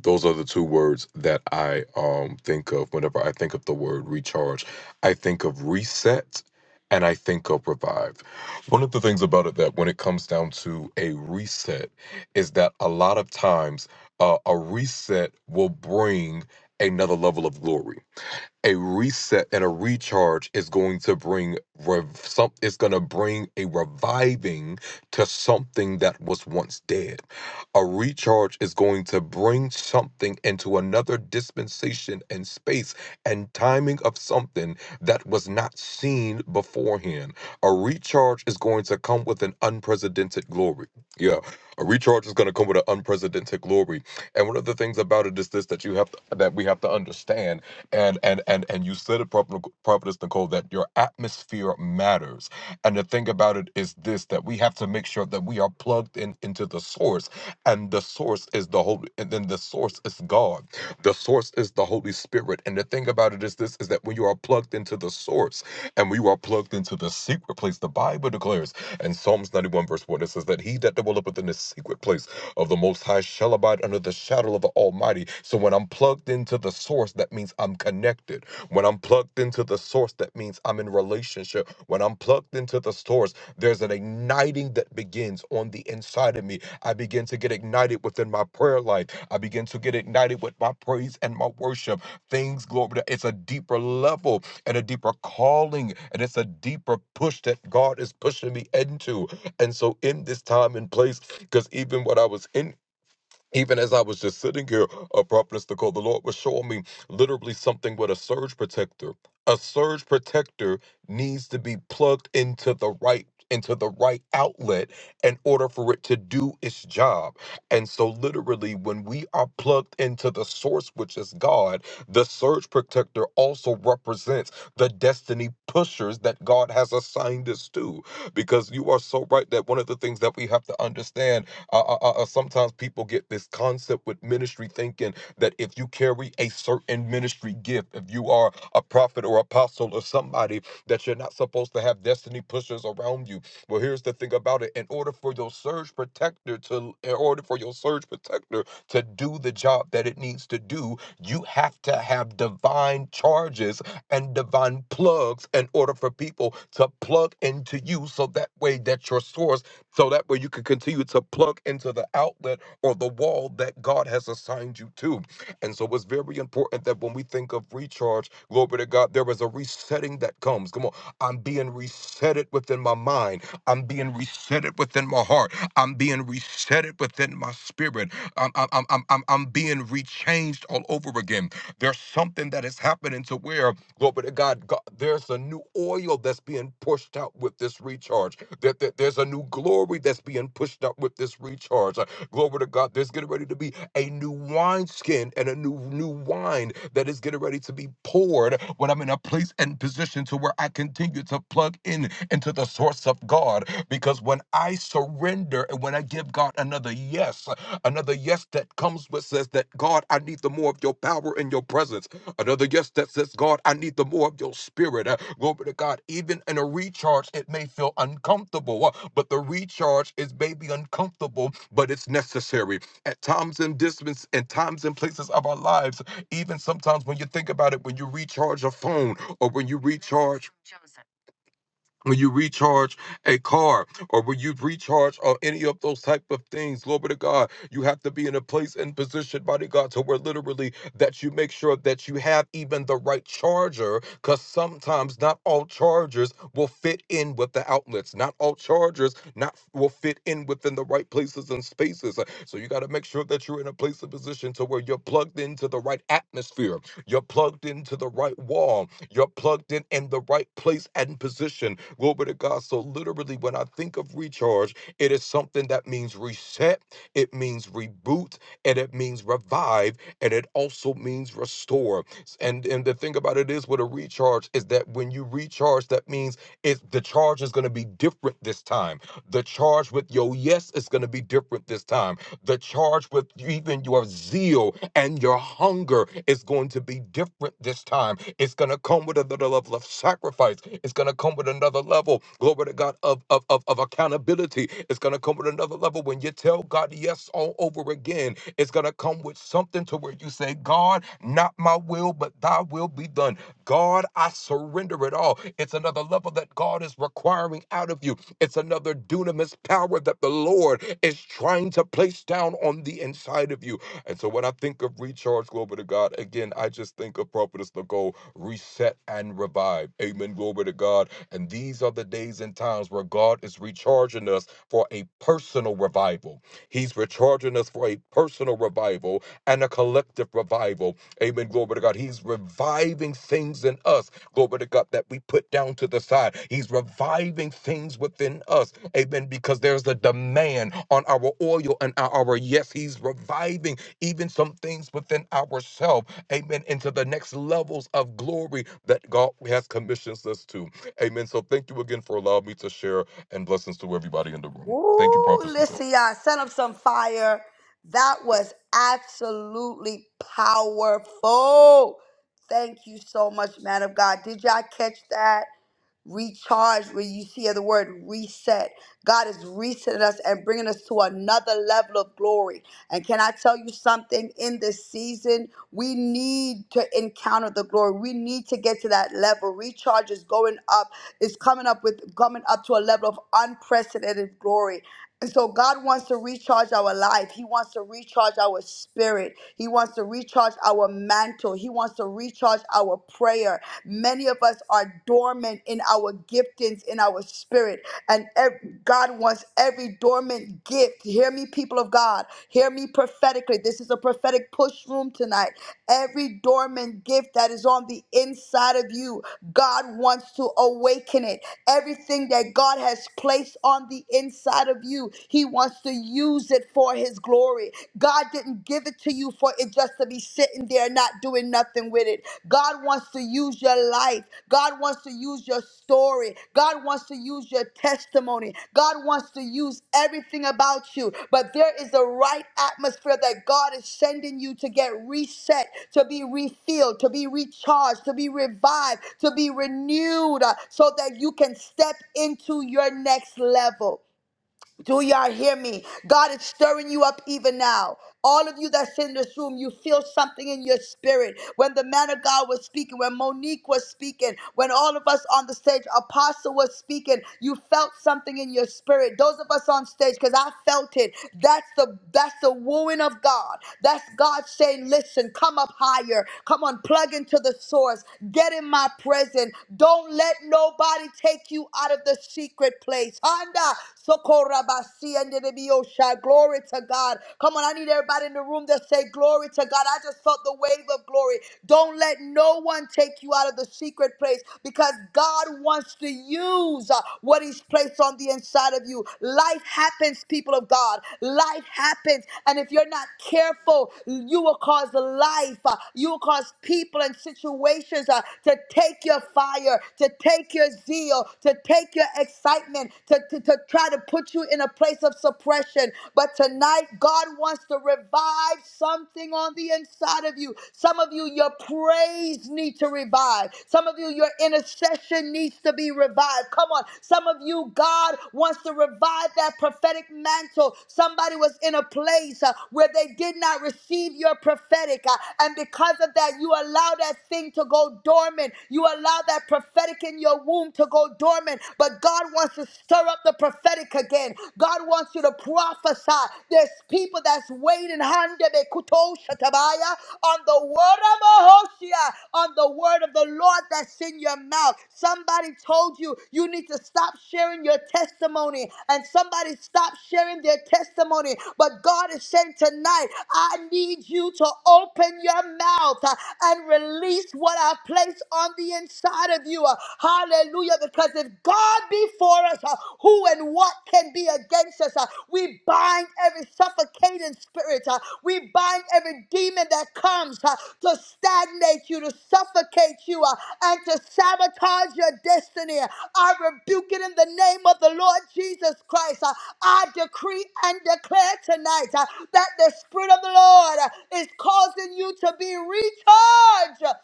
Speaker 8: Those are the two words that I um, think of whenever I think of the word recharge. I think of reset and I think of revive. One of the things about it that when it comes down to a reset is that a lot of times uh, a reset will bring another level of glory a reset and a recharge is going to bring rev- some it's going to bring a reviving to something that was once dead a recharge is going to bring something into another dispensation and space and timing of something that was not seen beforehand a recharge is going to come with an unprecedented glory yeah a recharge is going to come with an unprecedented glory and one of the things about it is this that you have to, that we have to understand and and and and you said it, Prophet Nic- Prophetess Nicole, that your atmosphere matters. And the thing about it is this: that we have to make sure that we are plugged in into the source, and the source is the Holy, and then the source is God. The source is the Holy Spirit. And the thing about it is this: is that when you are plugged into the source, and we are plugged into the secret place, the Bible declares, and Psalms ninety-one verse one, it says that he that dwelleth within the secret place of the Most High shall abide under the shadow of the Almighty. So when I'm plugged into the source, that means I'm connected. When I'm plugged into the source, that means I'm in relationship. When I'm plugged into the source, there's an igniting that begins on the inside of me. I begin to get ignited within my prayer life. I begin to get ignited with my praise and my worship. Things, glory to it's a deeper level and a deeper calling, and it's a deeper push that God is pushing me into. And so in this time and place, because even what I was in, even as I was just sitting here, a prophetess Nicole, the Lord was showing me literally something with a surge protector. A surge protector needs to be plugged into the right into the right outlet in order for it to do its job. And so literally when we are plugged into the source which is God, the surge protector also represents the destiny pushers that God has assigned us to because you are so right that one of the things that we have to understand uh, uh, uh, uh, sometimes people get this concept with ministry thinking that if you carry a certain ministry gift, if you are a prophet or apostle or somebody, that you're not supposed to have destiny pushers around you. Well, here's the thing about it: in order for your surge protector to, in order for your surge protector to do the job that it needs to do, you have to have divine charges and divine plugs in order for people to plug into you, so that way that your source so that way you can continue to plug into the outlet or the wall that God has assigned you to. And so it's very important that when we think of recharge, glory to God, there is a resetting that comes. Come on. I'm being resetted within my mind. I'm being resetted within my heart. I'm being resetted within my spirit. I'm, I'm, I'm, I'm, I'm I'm being rechanged all over again. There's something that is happening to where Glory to God. God. There's a new oil that's being pushed out with this recharge. There, there- there's a new glory that's being pushed out with this recharge. Uh, Glory to God. There's getting ready to be a new wineskin and a new new wine that is getting ready to be poured when I'm in a place and position to where I continue to plug in into the source of God. God because when I surrender and when I give God another yes, another yes that comes with says that God, I need the more of your power and your presence. Another yes that says, God, I need the more of your spirit. Uh, Glory to God. Even in a recharge, it may feel uncomfortable, uh, but the recharge is maybe uncomfortable, but it's necessary. At times and distance and times and places of our lives, even sometimes when you think about it, when you recharge a phone or when you recharge. Joseph when you recharge a car or when you recharge or any of those type of things glory to god you have to be in a place and position mighty god to where literally that you make sure that you have even the right charger because sometimes not all chargers will fit in with the outlets not all chargers not will fit in within the right places and spaces so you got to make sure that you're in a place and position to where you're plugged into the right atmosphere you're plugged into the right wall. You're plugged in in the right place and position. Glory to God. So, literally, when I think of recharge, it is something that means reset, it means reboot, and it means revive, and it also means restore. And, and the thing about it is with a recharge is that when you recharge, that means it's, the charge is going to be different this time. The charge with your yes is going to be different this time the charge with even your zeal and your hunger is going to be different this time. It's going to come with another level of sacrifice. It's going to come with another level, glory to God, of, of, of, of accountability. It's going to come with another level when you tell God yes all over again. It's going to come with something to where you say, God, not my will, but thy will be done. God, I surrender it all. It's another level that God is requiring out of you. It's another dunamis power that the Lord is trying to place down on the inside of you. And so when I think of recharge, glory to God, again, I just think of Prophetess Nicole, reset and revive. Amen, glory to God. And these are the days and times where God is recharging us for a personal revival. He's recharging us for a personal revival and a collective revival. Amen, glory to God. He's reviving things in us glory to God, that we put down to the side. He's reviving things within us, amen, because there's a demand on our oil and our yes. He's reviving even some things within ourselves, amen, into the next levels of glory that God has commissioned us to, amen. So thank you again for allowing me to share and blessings to everybody in the room. Thank you,
Speaker 1: Ooh,
Speaker 8: Prophet Nicole.
Speaker 1: listen, y'all, set up some fire. That was absolutely powerful. Thank you so much, man of God. Did y'all catch that? Recharge, where you see the word reset. God is resetting us and bringing us to another level of glory. And can I tell you something? In this season, we need to encounter the glory. We need to get to that level. Recharge is going up is coming up with coming up to a level of unprecedented glory. And so God wants to recharge our life. He wants to recharge our spirit. He wants to recharge our mantle. He wants to recharge our prayer. Many of us are dormant in our giftings, in our spirit. And ev- God wants every dormant gift. Hear me, people of God. Hear me prophetically. This is a prophetic push room tonight. Every dormant gift that is on the inside of you, God wants to awaken it. Everything that God has placed on the inside of you, He wants to use it for His glory. God didn't give it to you for it just to be sitting there not doing nothing with it. God wants to use your life. God wants to use your story. God wants to use your testimony. God wants to use everything about you. But there is a right atmosphere that God is sending you to get reset, to be refilled, to be recharged, to be revived, to be renewed, uh, so that you can step into your next level. Do y'all hear me? God is stirring you up even now. All of you that's in this room, you feel something in your spirit. When the man of God was speaking, when Monique was speaking, when all of us on the stage, Apostle was speaking, you felt something in your spirit. Those of us on stage, because I felt it. That's the that's the wooing of God. That's God saying, listen, come up higher. Come on, plug into the source. Get in my presence. Don't let nobody take you out of the secret place. Anda, Socorabasi, and the Biosha. Glory to God. Come on, I need everybody in the room to say glory to God. I just felt the wave of glory. Don't let no one take you out of the secret place because God wants to use uh, what He's placed on the inside of you. Life happens, people of God. Life happens. And if you're not careful, you will cause life, uh, you will cause people and situations uh, to take your fire, to take your zeal, to take take your excitement, to, to, to try to put you in a place of suppression. But tonight, God wants to revive something on the inside of you. Some of you, your praise needs to revive. Some of you, your intercession needs to be revived. Come on. Some of you, God wants to revive that prophetic mantle. Somebody was in a place uh, where they did not receive your prophetic. uh, and because of that, you allow that thing to go dormant. You allow that prophetic in your womb to go dormant, but God wants to stir up the prophetic again. God wants you to prophesy. There's people that's waiting handebekuto shatabaya, on the word of Mahoshia, on the word of the Lord that's in your mouth. Somebody told you you need to stop sharing your testimony, and somebody stopped sharing their testimony. But God is saying tonight, I need you to open your mouth uh, and release what I place on the the inside of you. Uh, Hallelujah. Because if God be for us, uh, who and what can be against us? Uh, We bind every suffocating spirit. uh, We bind every demon that comes uh, to stagnate you, to suffocate you, uh, and to sabotage your destiny. I rebuke it in the name of the Lord Jesus Christ. Uh, I decree and declare tonight uh, that the Spirit of the Lord uh, is causing you to be recharged.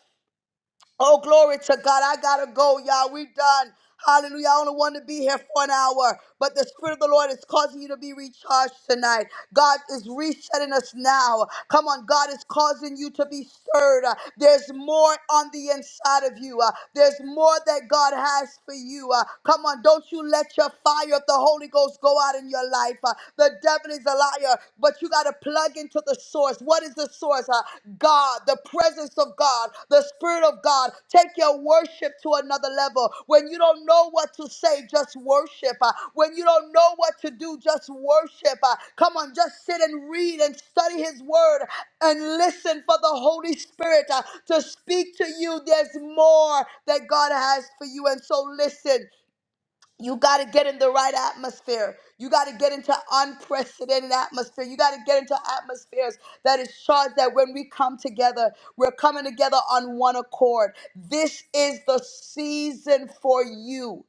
Speaker 1: Oh, glory to God. I got to go, y'all. We done. Hallelujah. I only want to be here for an hour, but the Spirit of the Lord is causing you to be recharged tonight. God is resetting us now. Come on, God is causing you to be stirred. Uh, There's more on the inside of you, Uh, there's more that God has for you. Uh, Come on, don't you let your fire of the Holy Ghost go out in your life. Uh, The devil is a liar, but you but you got to plug into the source. What is the source? Uh, God, the presence of God, the Spirit of God. Take your worship to another level. When you don't know what to say, just worship. Uh, when you don't know what to do, just worship. Uh, come on, just sit and read and study His Word and listen for the Holy Spirit uh, to speak to you. There's more that God has for you. And so listen. You got to get in the right atmosphere. You got to get into unprecedented atmosphere. You got to get into atmospheres that is charged that when we come together, we're coming together on one accord. This is the season for you.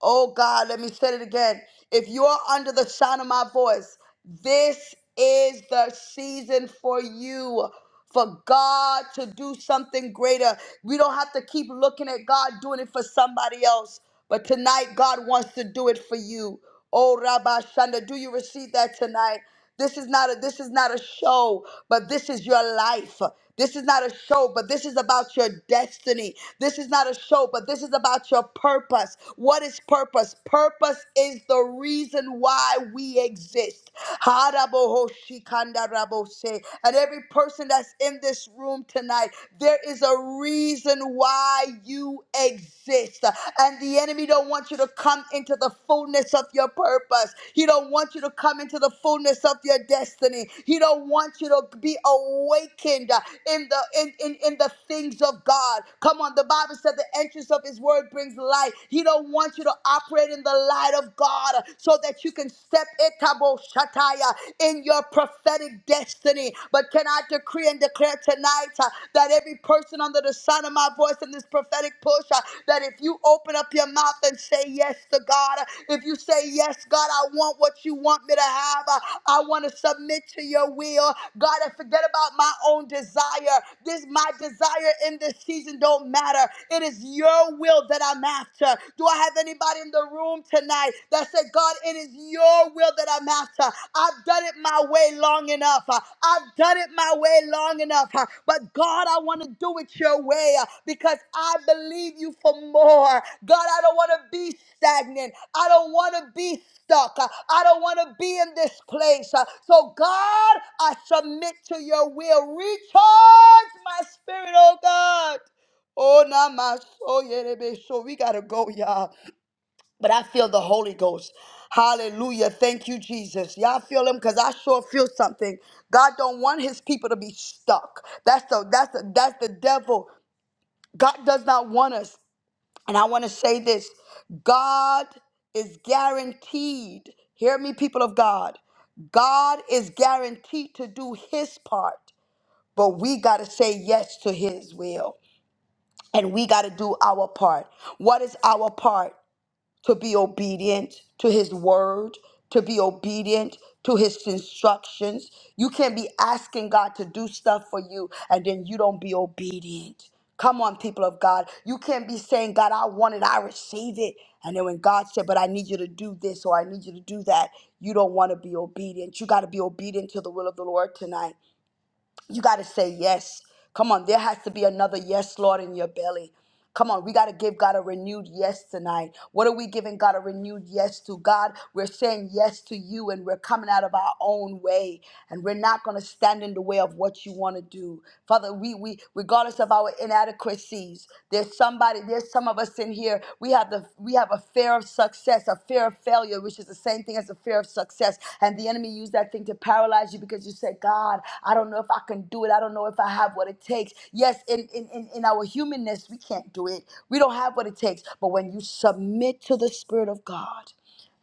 Speaker 1: Oh God, let me say it again. If you are under the sound of my voice, this is the season for you. For God to do something greater. We don't have to keep looking at God doing it for somebody else. But tonight, God wants to do it for you. Oh Rabbi Shanda, do you receive that tonight? This is not a this is not a show, but this is your life. This is not a show, but this is about your destiny. This is not a show, but this is about your purpose. What is purpose? Purpose is the reason why we exist. Harabohoshikandarabose. And every person that's in this room tonight, there is a reason why why you exist. And the enemy don't want you to come into the fullness of your purpose. He don't want you to come into the fullness of your destiny. He don't want you to be awakened in the in, in, in the things of God. Come on, the Bible said the entrance of his word brings light. He don't want you to operate in the light of God so that you can step etaboshataya in your prophetic destiny destiny. But can I decree and declare tonight uh, that every person under the sound of my voice in this prophetic push, uh, that if you open up your mouth and say yes to God, uh, if you say yes, God, I want what you want me to have, uh, I want to submit to your will. God, I forget about my own desire. This my desire in this season don't matter. It is your will that I'm after. Do I have anybody in the room tonight? side that said, God, it is your will that I'm after. I've done it my way long enough. Uh, I've done it my way long enough. Uh, But God, I want to do it your way uh, because I believe you for more. God, I don't want to be stagnant. I don't want to be stuck. Uh, I don't want to be in this place. Uh, So, God, I submit to your will. Recharge my spirit, oh God. Oh, Namaso, Yerebe. so we gotta go, y'all. But I feel the Holy Ghost. Hallelujah. Thank you, Jesus. Y'all feel him? Because I sure feel something. God don't want his people to be stuck. That's the that's the that's the devil. God does not want us. And I want to say this: God is guaranteed. Hear me, people of God. God is guaranteed to do his part, but we got to say yes to his will and we got to do our part. What is our part? to be obedient to his word, to be obedient to his instructions. You can't be asking God to do stuff for you and then you don't be obedient. Come on, people of God. You can't be saying, God, I want it, I receive it. And then when God said, But I need you to do this or I need you to do that, you don't want to be obedient. You got to be obedient to the will of the Lord tonight. You got to say yes. Come on, there has to be another yes, Lord, in your belly. Come on, we got to give God a renewed yes tonight. What are we giving God a renewed yes to? God, we're saying yes to you and we're coming out of our own way and we're not going to stand in the way of what you want to do. Father, we we regardless of our inadequacies, there's somebody, there's some of us in here. We have the we have a fear of success, a fear of failure, which is the same thing as a fear of success. And the enemy used that thing to paralyze you because you said, God, I don't know if I can do it. I don't know if I have what it takes. Yes, in, in, in, in our humanness, we can't do it. We don't have what it takes. But when you submit to the Spirit of God,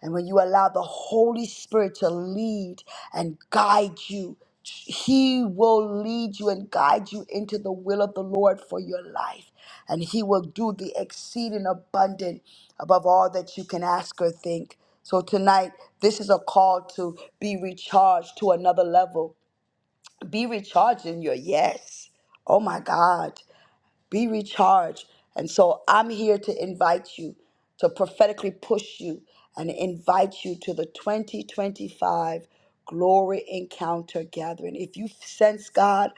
Speaker 1: and when you allow the Holy Spirit to lead and guide you, He will lead you and guide you into the will of the Lord for your life. And He will do the exceeding abundant above all that you can ask or think. So tonight, this is a call to be recharged to another level. Be recharged in your yes. Oh my God be recharged. And so I'm here to invite you, to prophetically push you and invite you to the 2025 Glory Encounter Gathering. If you sense God,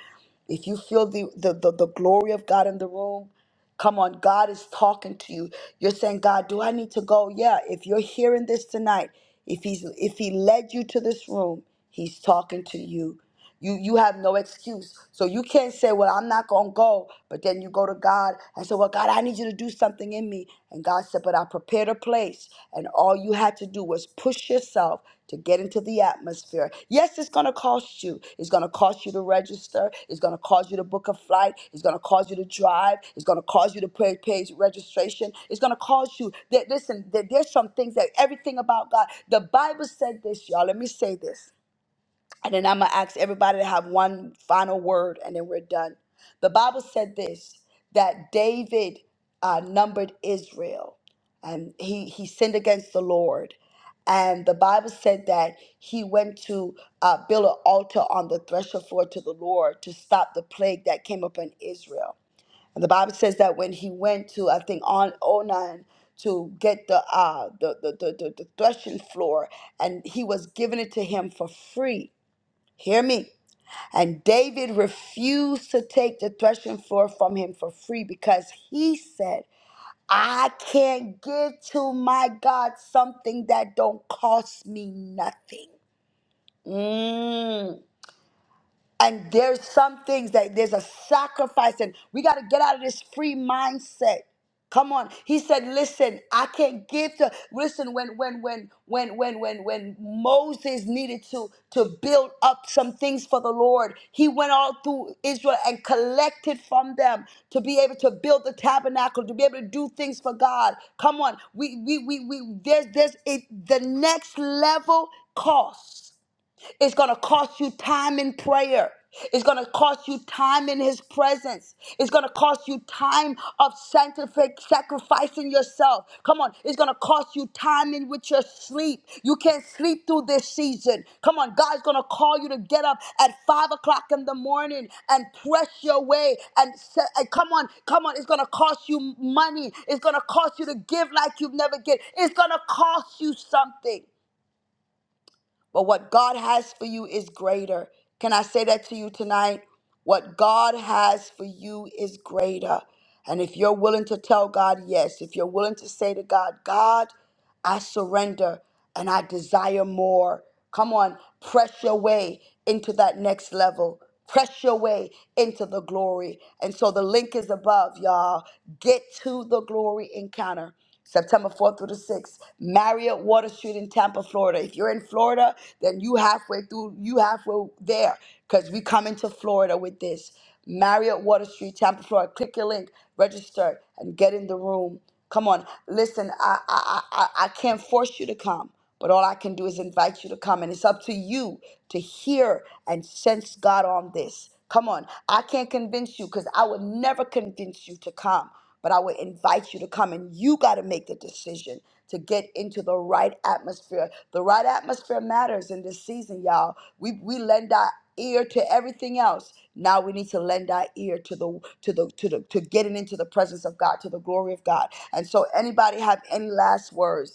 Speaker 1: if you feel the, the, the, the glory of God in the room, Come on, God is talking to you. You're saying, God, do I need to go? Yeah, if you're hearing this tonight, if he's if he led you to this room, he's talking to you. You you have no excuse. So you can't say, Well, I'm not gonna go, but then you go to God and say, Well, God, I need you to do something in me. And God said, But I prepared a place and all you had to do was push yourself to get into the atmosphere. Yes, it's going to cost you. It's going to cost you to register. It's going to cost you to book a flight. It's going to cause you to drive. It's going to cause you to pay, pay registration. It's going to cause you. That, listen, there- there's some things that everything about God. The Bible said this, y'all. Let me say this. And then I'm going to ask everybody to have one final word and then we're done. The Bible said this that David uh, numbered Israel and he, he sinned against the Lord. And the Bible said that he went to uh, build an altar on the threshing floor to the Lord to stop the plague that came upon Israel. And the Bible says that when he went to, I think, on Onan to get the, uh, the, the, the, the the threshing floor, and he was giving it to him for free Hear me. And David refused to take the threshing floor from him for free because he said, I can't give to my God something that don't cost me nothing. Mm. And there's some things that there's a sacrifice, and we got to get out of this free mindset. Come on. He said, listen, I can't give to listen when when when when when when when Moses needed to to build up some things for the Lord. He went all through Israel and collected from them to be able to build the tabernacle, to be able to do things for God. Come on. We we we we there's there's it the next level costs. It's going to cost you time in prayer. It's going to cost you time in his presence. It's going to cost you time of sanctific sacrificing yourself. Come on. It's going to cost you time in with your sleep. You can't sleep through this season. Come on. God's going to call you to get up at five o'clock in the morning and press your way. And, se- and come on. Come on. It's going to cost you money. It's going to cost you to give like you've never given. It's going to cost you something. But what God has for you is greater. Can I say that to you tonight? What God has for you is greater. And if you're willing to tell God yes, if you're willing to say to God, God, I surrender and I desire more. Come on, press your way into that next level. Press your way into the glory. And so the link is above, y'all. Get to the glory encounter. September 4th through the 6th, Marriott Water Street in Tampa, Florida. If you're in Florida, then you halfway through, you halfway there, because we coming to Florida with this. Marriott Water Street, Tampa, Florida. Click your link, register, and get in the room. Come on, listen. I I I, I I can't force you to come, but all I can do is invite you to come, and it's up to you to hear and sense God on this. Come on, I can't convince you because I would never convince you to come. But I would invite you to come and you got to make the decision to get into the right atmosphere. The right atmosphere matters in this season, y'all. We we lend our ear to everything else. Now we need to lend our ear to the to the to the to getting into the presence of God, to the glory of God. And so anybody have any last words?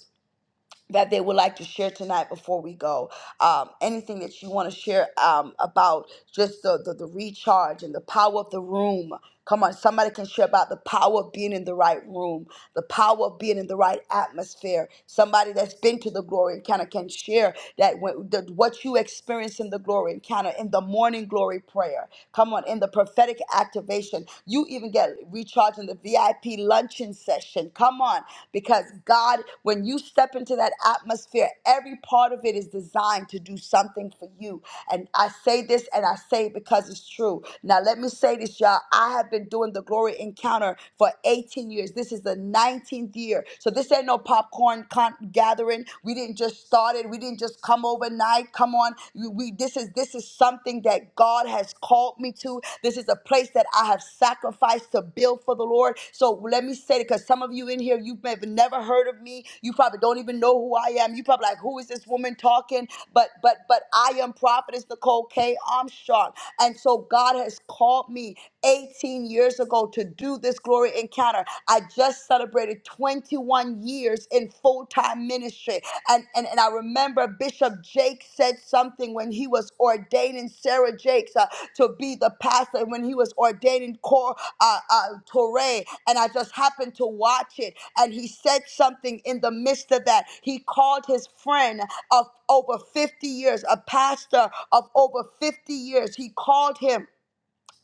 Speaker 1: that they would like to share tonight before we go? Um, anything that you want to share um, about just the, the, the recharge and the power of the room? Come on, somebody can share about the power of being in the right room, the power of being in the right atmosphere. Somebody that's been to the glory encounter can share that when, the, what you experience in the glory encounter in the morning glory prayer. Come on, in the prophetic activation, you even get recharged in the VIP luncheon session. Come on, because God, when you step into that atmosphere, every part of it is designed to do something for you. And I say this and I say it because it's true. Now, let me say this, y'all. I have been doing the glory encounter for 18 years. This is the 19th year. So, this ain't no popcorn con- gathering. We didn't just start it. We we didn't just come overnight. Come on, You- we. This is this is something that God has called me to. This is a place that I have sacrificed to build for the Lord. So let me say it, because some of you in here, you've never never heard of me. You probably don't even know who I am. You probably like, who is this woman talking? But but but I am prophetess Nicole K. Armstrong, and so God has called me 18 years ago to do this glory encounter. I just just celebrated 21 years in full time ministry. And, and, and I remember Bishop Jake said something when he was ordaining Sarah Jakes uh, to be the pastor, when he was ordaining Cor, uh, uh, Torre. And I just happened to watch it. And he said something in the midst of that. He called his friend of over 50 years, a pastor of over 50 years. He called him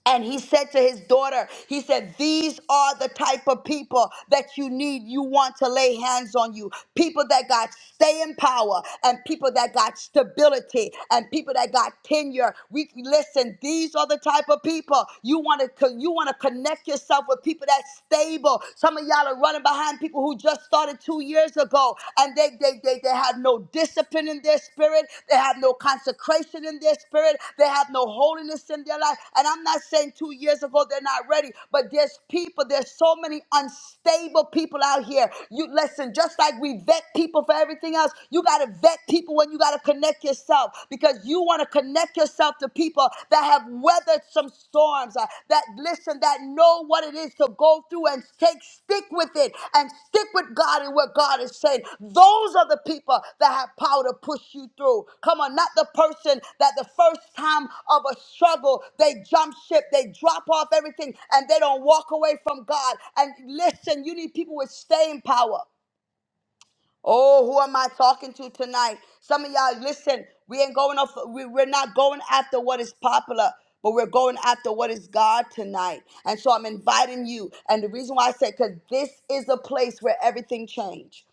Speaker 1: and he said to his daughter, he said, These are the type of people that you need. You want to lay hands on you. People that got stay in power and people that got stability and people that got tenure. We listen, these are the type of people you want to you want to connect yourself with people that's stable. Some of y'all are running behind people who just started two years ago go. And they, they, they, they have no discipline in their spirit. They have no consecration in their spirit. They have no holiness in their life. And I'm not saying two years ago they're not ready, but there's people, there's so many unstable people out here. You listen, just like we vet people for everything else, you got to vet people when you got to connect yourself because you want to connect yourself to people that have weathered some storms, uh, that listen, that know what it is to go through and take, stick with it and stick with God and what God is saying. Those are the people that have power to push you through. Come on, not the person that the first time of a struggle, they jump ship, they drop off everything, and they don't walk away from God. And listen, you need people with staying power. Oh, who am I talking to tonight? Some of y'all, listen, we ain't going off, we, we're not going after what is popular, but we're going after what is God tonight. And so I'm inviting you. And the reason why I said, because this is a place where everything changed.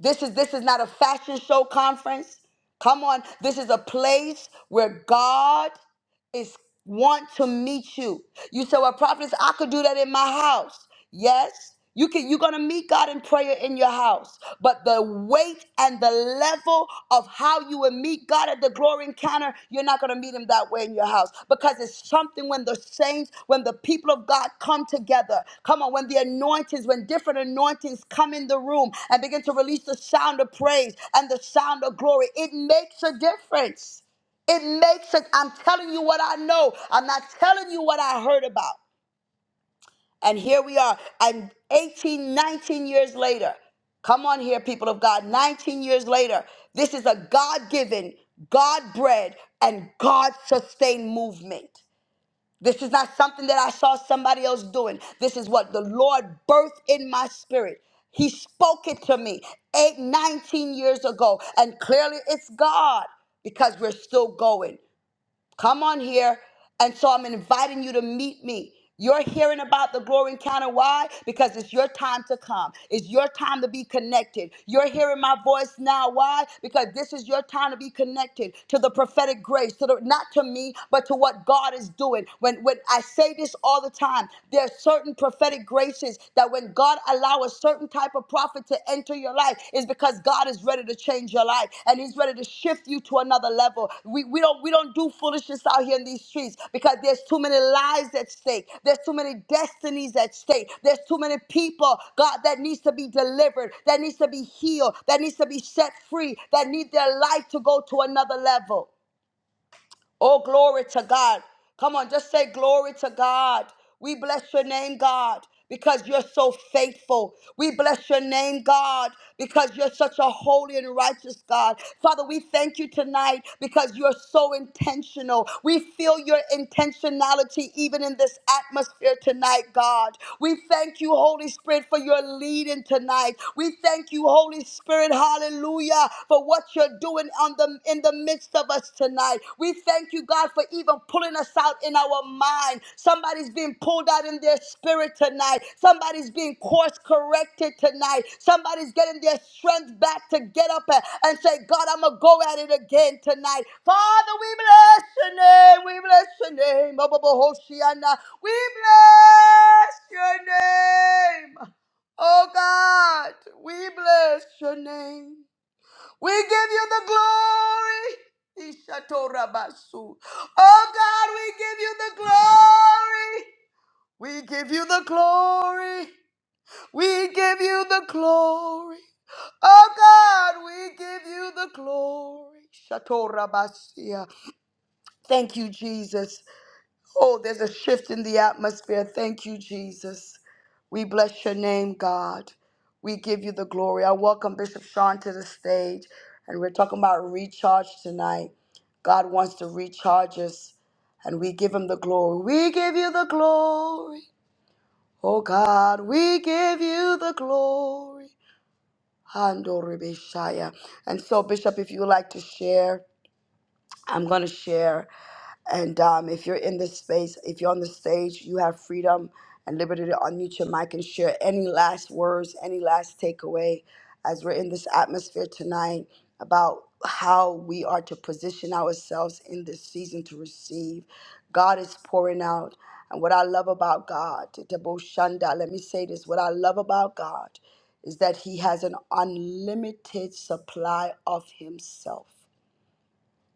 Speaker 1: This is this is not a fashion show conference. Come on. This is a place where God is want to meet you. You say, Well, prophets, I could do that in my house. Yes, you can you're gonna meet God in prayer in your house. But the weight and the level of how you will meet God at the glory encounter, you're not gonna meet him that way in your house. Because it's something when the saints, when the people of God come together. Come on, when the anointings, when different anointings come in the room and begin to release the sound of praise and the sound of glory, it makes a difference. It makes sense. I'm telling you what I know. I'm not telling you what I heard about. And here we are. And 18, 19 years later, come on here, people of God, 19 years later, this is a God given, God bred, and God sustained movement. This is not something that I saw somebody else doing. This is what the Lord birthed in my spirit. He spoke it to me eight, 19 years ago. And clearly it's God because we're still going. Come on here. And so I'm inviting you to meet me. You're hearing about the glory encounter. Why? Because it's your time to come. It's your time to be connected. You're hearing my voice now. Why? Because this is your time to be connected to the prophetic grace, to the, not to me, but to what God is doing. When when I say this all the time, there are certain prophetic graces that when God allows allow a certain type of prophet to enter your life is because God is ready to change your life and He's ready to shift you to another level. We, we don't we don't do foolishness out here in these streets because there's too many lives at stake. There's too many destinies at stake. There's too many people, God, that needs to be delivered, that needs to be healed, that needs to be set free, that need their life to go to another level. Oh, glory to God. Come on, just say glory to God. We bless your name, God, because you're so faithful. We bless your name, God, because you're such a holy and righteous God. Father, we thank you tonight because you're so intentional. We feel your intentionality even in this atmosphere tonight, God. We thank you, Holy Spirit, for your leading tonight. We thank you, Holy Spirit. Hallelujah hallelujah, for what you're doing on the, in the midst of us tonight. We thank you, God, for even pulling us out in our mind. Somebody's being pulled out in their spirit tonight. Somebody's being course corrected tonight. Somebody's getting their strength back to get up and, and say, God, I'm going to go at it again tonight. Father, we bless your name. We bless your name. Abba, Hoshiana. We bless your name. Oh God, we bless your name. We give you the glory. Ishatorabasu. Oh God, we give you the glory. We give you the glory. We give you the glory. Oh God, we give you the glory. Shatorabasia. Thank you, Jesus. Oh, there's a shift in the atmosphere. Thank you, Jesus. We bless your name, God. We give you the glory. I welcome Bishop Sean to the stage, and we're talking about recharge tonight. God wants to recharge us, and we give him the glory. We give you the glory. Oh, God, we give you the glory. Handoribeshaya. And so, Bishop, if you would like to share, I'm going to share. And um, if you're in this space, if you're on the stage, you have freedom and liberty to unmute your mic and share any last words, any last takeaway as we're in this atmosphere tonight about how we are to position ourselves in this season to receive. God is pouring out. And what I love about God, Debo Shanda, let me say this what I love about God is that He has an unlimited supply of Himself.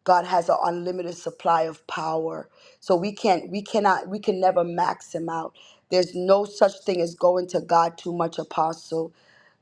Speaker 1: God has an unlimited supply of power. So we can't, we cannot, we can never max him out. There's no such thing as going to God too much, apostle.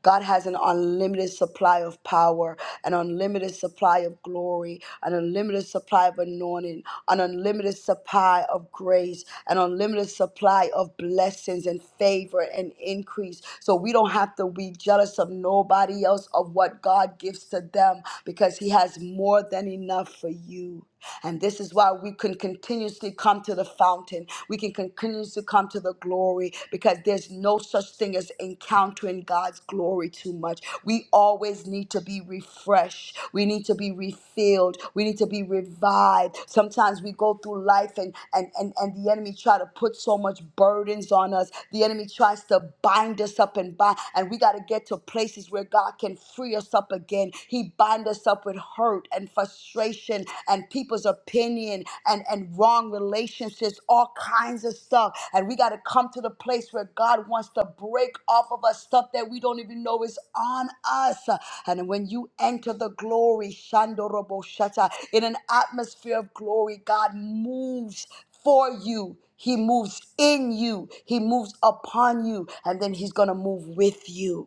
Speaker 1: God has an unlimited supply of power, an unlimited supply of glory, an unlimited supply of anointing, an unlimited supply of grace, an unlimited supply of blessings and favor and increase. So we don't have to be jealous of nobody else of what God gives to them because He has more than enough for you. And this is why we can continuously come to the fountain. We can continuously come to the glory because there's no such thing as encountering God's glory too much. We always need to be refreshed. We need to be refilled. We need to be revived. Sometimes we go through life and and and, and the enemy try to put so much burdens on us. The enemy tries to bind us up and bind, and we got to get to places where God can free us up again. He he binds us up with hurt and frustration and people's opinion and, and wrong relationships, all kinds of stuff. And we got to come to the place where God wants to break off of us stuff that we don't even know is on us. And when you enter the glory, Shandorobo Shata, in an atmosphere of glory, God moves for you. He moves in you. He moves upon you. And then he's going to move with you.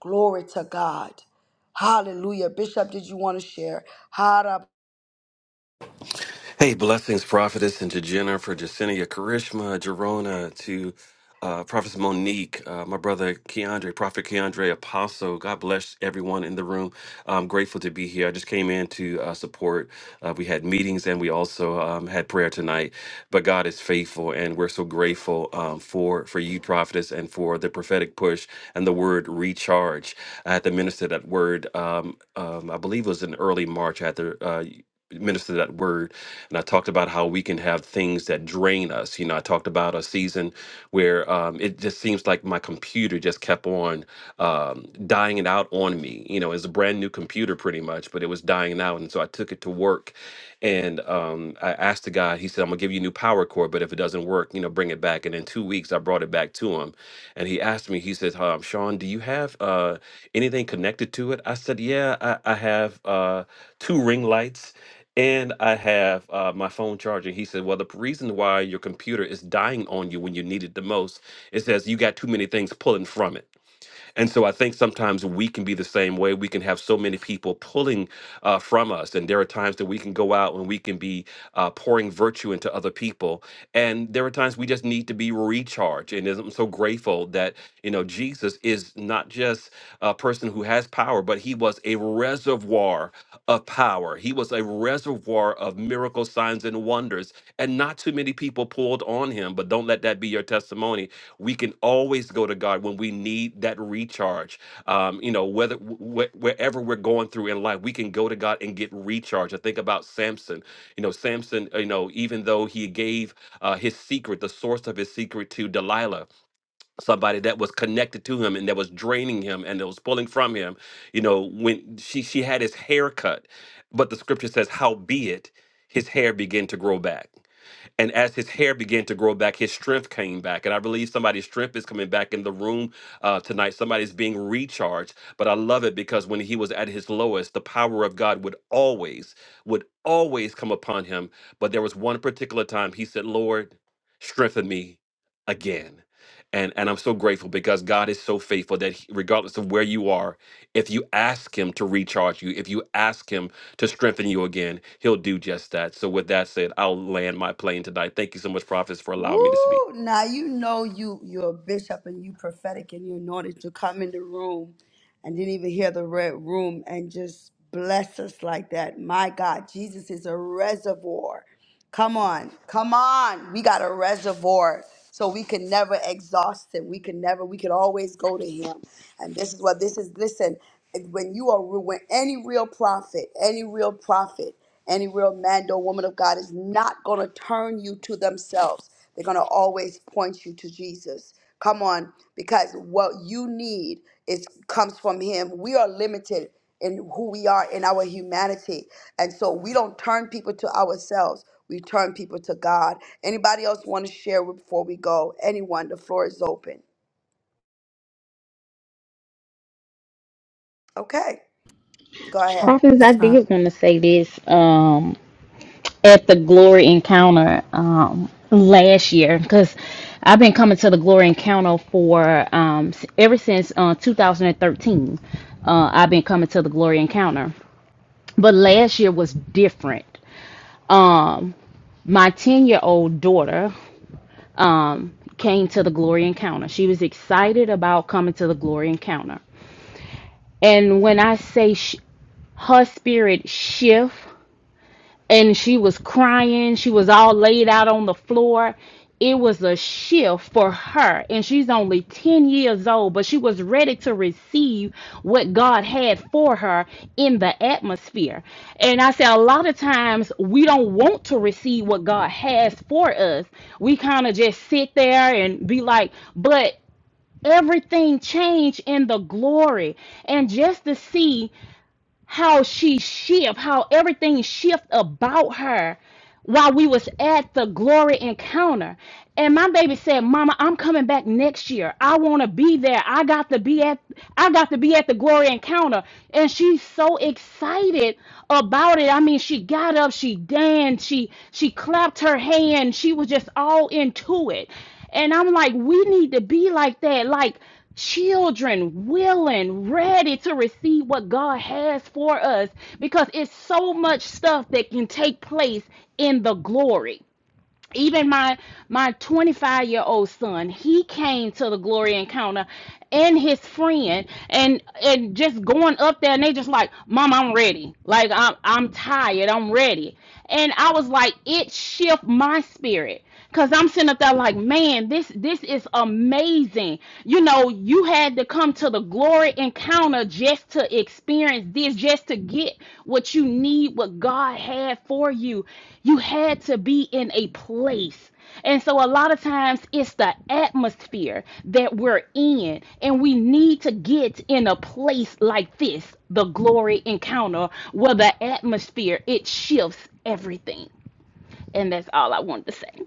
Speaker 1: Glory to God. Hallelujah. Bishop, did you want to share? Hara.
Speaker 9: Hey, blessings, prophetess, and to Jenna, for Jacinia, Karishma, Jerona, to uh, prophetess Monique, uh, my brother Keandre, prophet Keandre, apostle. God bless everyone in the room. I'm grateful to be here. I just came in to uh, support. Uh, we had meetings and we also um, had prayer tonight. But God is faithful, and we're so grateful um, for for you, prophetess, and for the prophetic push and the word recharge. I had to minister that word. Um, um, I believe it was in early March. I had to. Uh, Minister that word and i talked about how we can have things that drain us you know i talked about a season where um, it just seems like my computer just kept on um, dying it out on me you know it's a brand new computer pretty much but it was dying out and so i took it to work and um, I asked the guy, he said, I'm gonna give you a new power cord, but if it doesn't work, you know, bring it back. And in two weeks, I brought it back to him. And he asked me, he said, um, Sean, do you have uh, anything connected to it? I said, Yeah, I, I have uh, two ring lights and I have uh, my phone charging. He said, Well, the p- reason why your computer is dying on you when you need it the most is as you got too many things pulling from it. And so I think sometimes we can be the same way. We can have so many people pulling uh, from us. And there are times that we can go out and we can be uh, pouring virtue into other people. And there are times we just need to be recharged. And I'm so grateful that, you know, Jesus is not just a person who has power, but he was a resurrected reservoir of power. He was a reservoir of miracle signs and wonders. And not too many people pulled on him, but don't let that be your testimony. We can always go to God when we need that recharge. Um, you know, whether wh- wherever we're going through in life, we can go to God and get recharge. I think about Samson. You know, Samson, uh, you know, even though he gave uh, his secret, the source of his secret to Delilah, somebody that was connected to him and that was draining him and that was pulling from him you know when she she had his hair cut but the scripture says "Howbeit, his hair began to grow back and as his hair began to grow back, his strength came back. And I believe somebody's strength is coming back in the room uh, tonight. Somebody's being recharged. But I love it because when he was at his lowest, the power of God would always, would always come upon him. But there was one particular time he said, Lord, strengthen me again. And, and I'm so grateful because God is so faithful that he- regardless of where you are, if you ask Him to recharge you, if you ask Him to strengthen you again. He'll do just that. So, with that said, I'll land my plane tonight. Thank you so much, prophets, for allowing me to speak.
Speaker 1: Ooh, now you know you you're a bishop and you prophetic and you anointed to come in the room and didn't even hear the red room and just bless us like that. My God, Jesus is a reservoir. Come on, come on. We got a reservoir. So we can never exhaust him. We can never, we can always go to him. And this is what this is. Listen, when you are when any real prophet, any real prophet, any real man or woman of God is not gonna turn you to themselves. They're gonna always point you to Jesus. Come on, because what you need is comes from him. We are limited in who we are in our humanity. And so we don't turn people to ourselves. We turn people to God. Anybody else want to share before we go? Anyone, the floor is open. Okay. Go ahead.
Speaker 4: Oh, I'm
Speaker 5: Prophets, I
Speaker 4: sorry.
Speaker 5: did want to say this um, at the Glory Encounter um, last year because I've been coming to the Glory Encounter for um, s- ever since uh, 2013. Uh, I've been coming to the Glory Encounter, but last year was different. Um, my 10 year old daughter um, came to the glory encounter. She was excited about coming to the glory encounter. And when I say sh- her spirit shift and she was crying. She was all laid out on the floor. It was a shift for her, and she's only 10 years old, but she was ready to receive what God had for her in the atmosphere. And I say, a lot of times we don't want to receive what God has for us. We kind of just sit there and be like, but everything changed in the glory. And just to see how she shift, how everything shift about her while we was at the glory encounter. And my baby said, "Mama, I'm coming back next year. I want to be there. I got to be at I got to be at the glory encounter." And she's so excited about it. I mean, she got up, she danced, she she clapped her hand. She was just all into it. And I'm like, "We need to be like that. Like children willing, ready to receive what God has for us because it's so much stuff that can take place in the glory. Even my my 25 year old son, he came to the glory encounter and his friend and and just going up there and they just like, "Mom, I'm ready. Like I'm I'm tired. I'm ready." And I was like, "It shifted my spirit." Cause I'm sitting up there like, man, this this is amazing. You know, you had to come to the glory encounter just to experience this, just to get what you need, what God had for you. You had to be in a place. And so a lot of times it's the atmosphere that we're in, and we need to get in a place like this, the glory encounter, where the atmosphere it shifts everything. And that's all I wanted to say.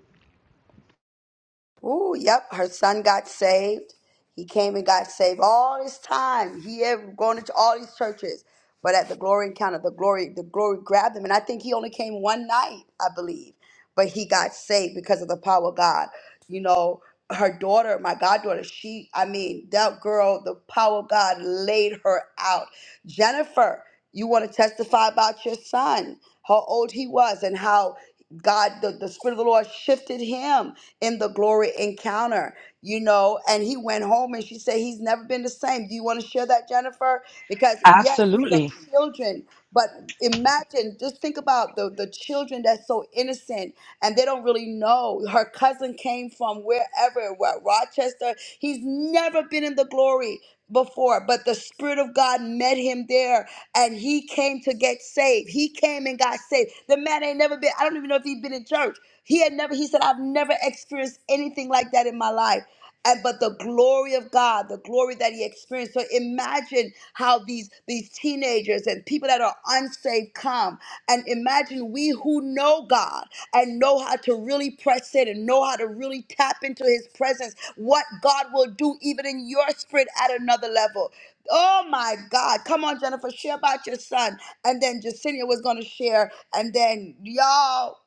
Speaker 1: Ooh, yep, her son got saved. He came and got saved all this time. He ever gone into all these churches. But at the glory encounter, the glory, the glory grabbed him. And I think he only came one night, I believe. But he got saved because of the power of God. You know, her daughter, my goddaughter, she, I mean, that girl, the power of God laid her out. Jennifer, you want to testify about your son, how old he was, and how God, the, the Spirit of the Lord shifted him in the glory encounter, you know, and he went home and she said, He's never been the same. Do you want to share that, Jennifer? Because, yes,
Speaker 2: Absolutely.
Speaker 1: these are children, but imagine, just think about the, the children that's so innocent and they don't really know. Her cousin came from wherever, what, Rochester. He's never been in the glory before, but the Spirit of God met him there and he came to get saved. He came and got saved. The man ain't never been, I don't even know if he'd been in church. He had never, he said, I've never experienced anything like that in my life. And but the glory of God, the glory that he experienced. So imagine how these these teenagers and people that are unsaved come. And imagine we who know God and know how to really press in and know how to really tap into his presence, what God will do even in your spirit at another level. Oh my God. Come on, Jennifer, share about your son. And then Jacinia was going to share. And then y'all,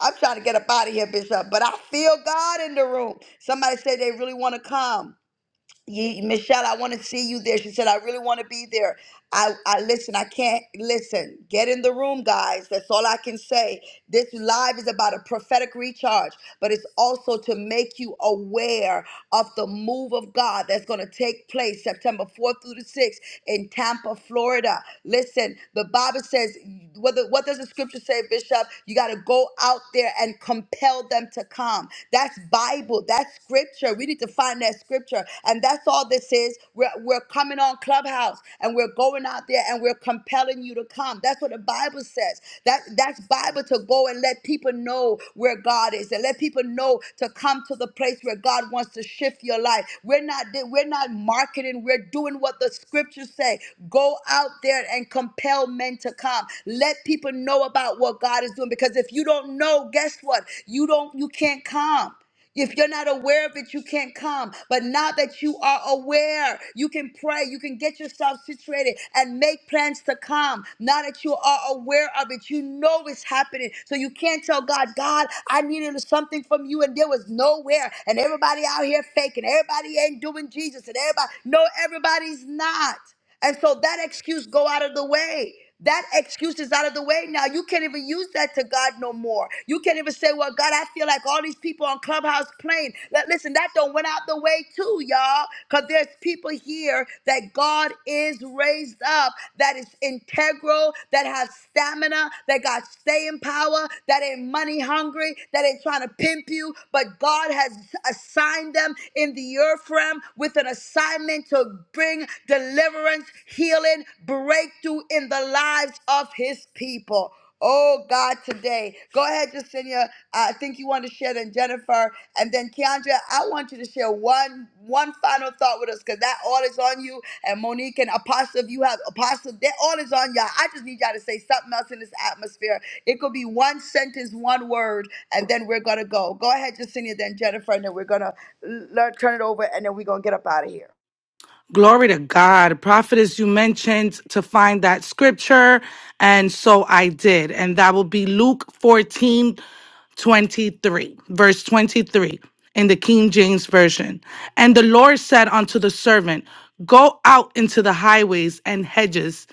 Speaker 1: I'm trying to get up out of here, Bishop, but I feel God in the room. Somebody said they really want to come. Ye, Michelle, I want to see you there. She said, I really want to be there. I, I listen, I can't listen. Get in the room, guys. That's all I can say. This live is about a prophetic recharge, but it's also to make you aware of the move of God that's going to take place September 4th through the 6th in Tampa, Florida. Listen, the Bible says what, the, what does the scripture say, Bishop? You got to go out there and compel them to come. That's Bible. That's scripture. We need to find that scripture. And that's all this is. We're, we're coming on Clubhouse and we're going out there and we're compelling you to come. That's what the Bible says. That That's Bible to go and let people know where God is and let people know to come to the place where God wants to shift your life. We're not, we're not marketing. We're doing what the scriptures say. Go out there and compel compel men to come. Let people know about what God is doing because if you don't know, guess what? You don't you can't come. If you're not aware of it, you can't come. But now that you are aware, you can pray, you can get yourself situated and make plans to come. Now that you are aware of it, you know it's happening. So you can't tell God, God, I needed something from you and there was nowhere. And everybody out here faking, everybody ain't doing Jesus, and everybody, no, everybody's not. And so that excuse go out of the way. That excuse is out of the way now. You can't even use that to God no more. You can't even say, "Well, God, I feel like all these people on Clubhouse playing." Li- Listen, that don't went out the way too, y'all, because there's people here that God is raised up, that is integral, that have stamina, that got staying power, that ain't money hungry, that ain't trying to pimp you, but God has assigned them in the earth realm with an assignment to bring moving deliverance, healing, breakthrough in the lives of his people. Oh God, today. Go ahead, Jacinia. Uh, I think you want to share then Jennifer. And then Keandra, I want you to share one one final thought with us because that all is on you. And Monique and Apostle, if you have Apostle, that all is on y'all. I just need y'all to say something else in this atmosphere. It could be one sentence, one word, and then we're gonna go. Go ahead, Jacinia, then Jennifer, and then we're gonna l- learn, turn it over, and then we're gonna get up out of here.
Speaker 4: Glory to God. Prophetess, you mentioned to find that scripture. And so I did. And that will be Luke 14, 23, verse 23 in the King James Version. And the Lord said unto the servant, Go out into the highways and hedges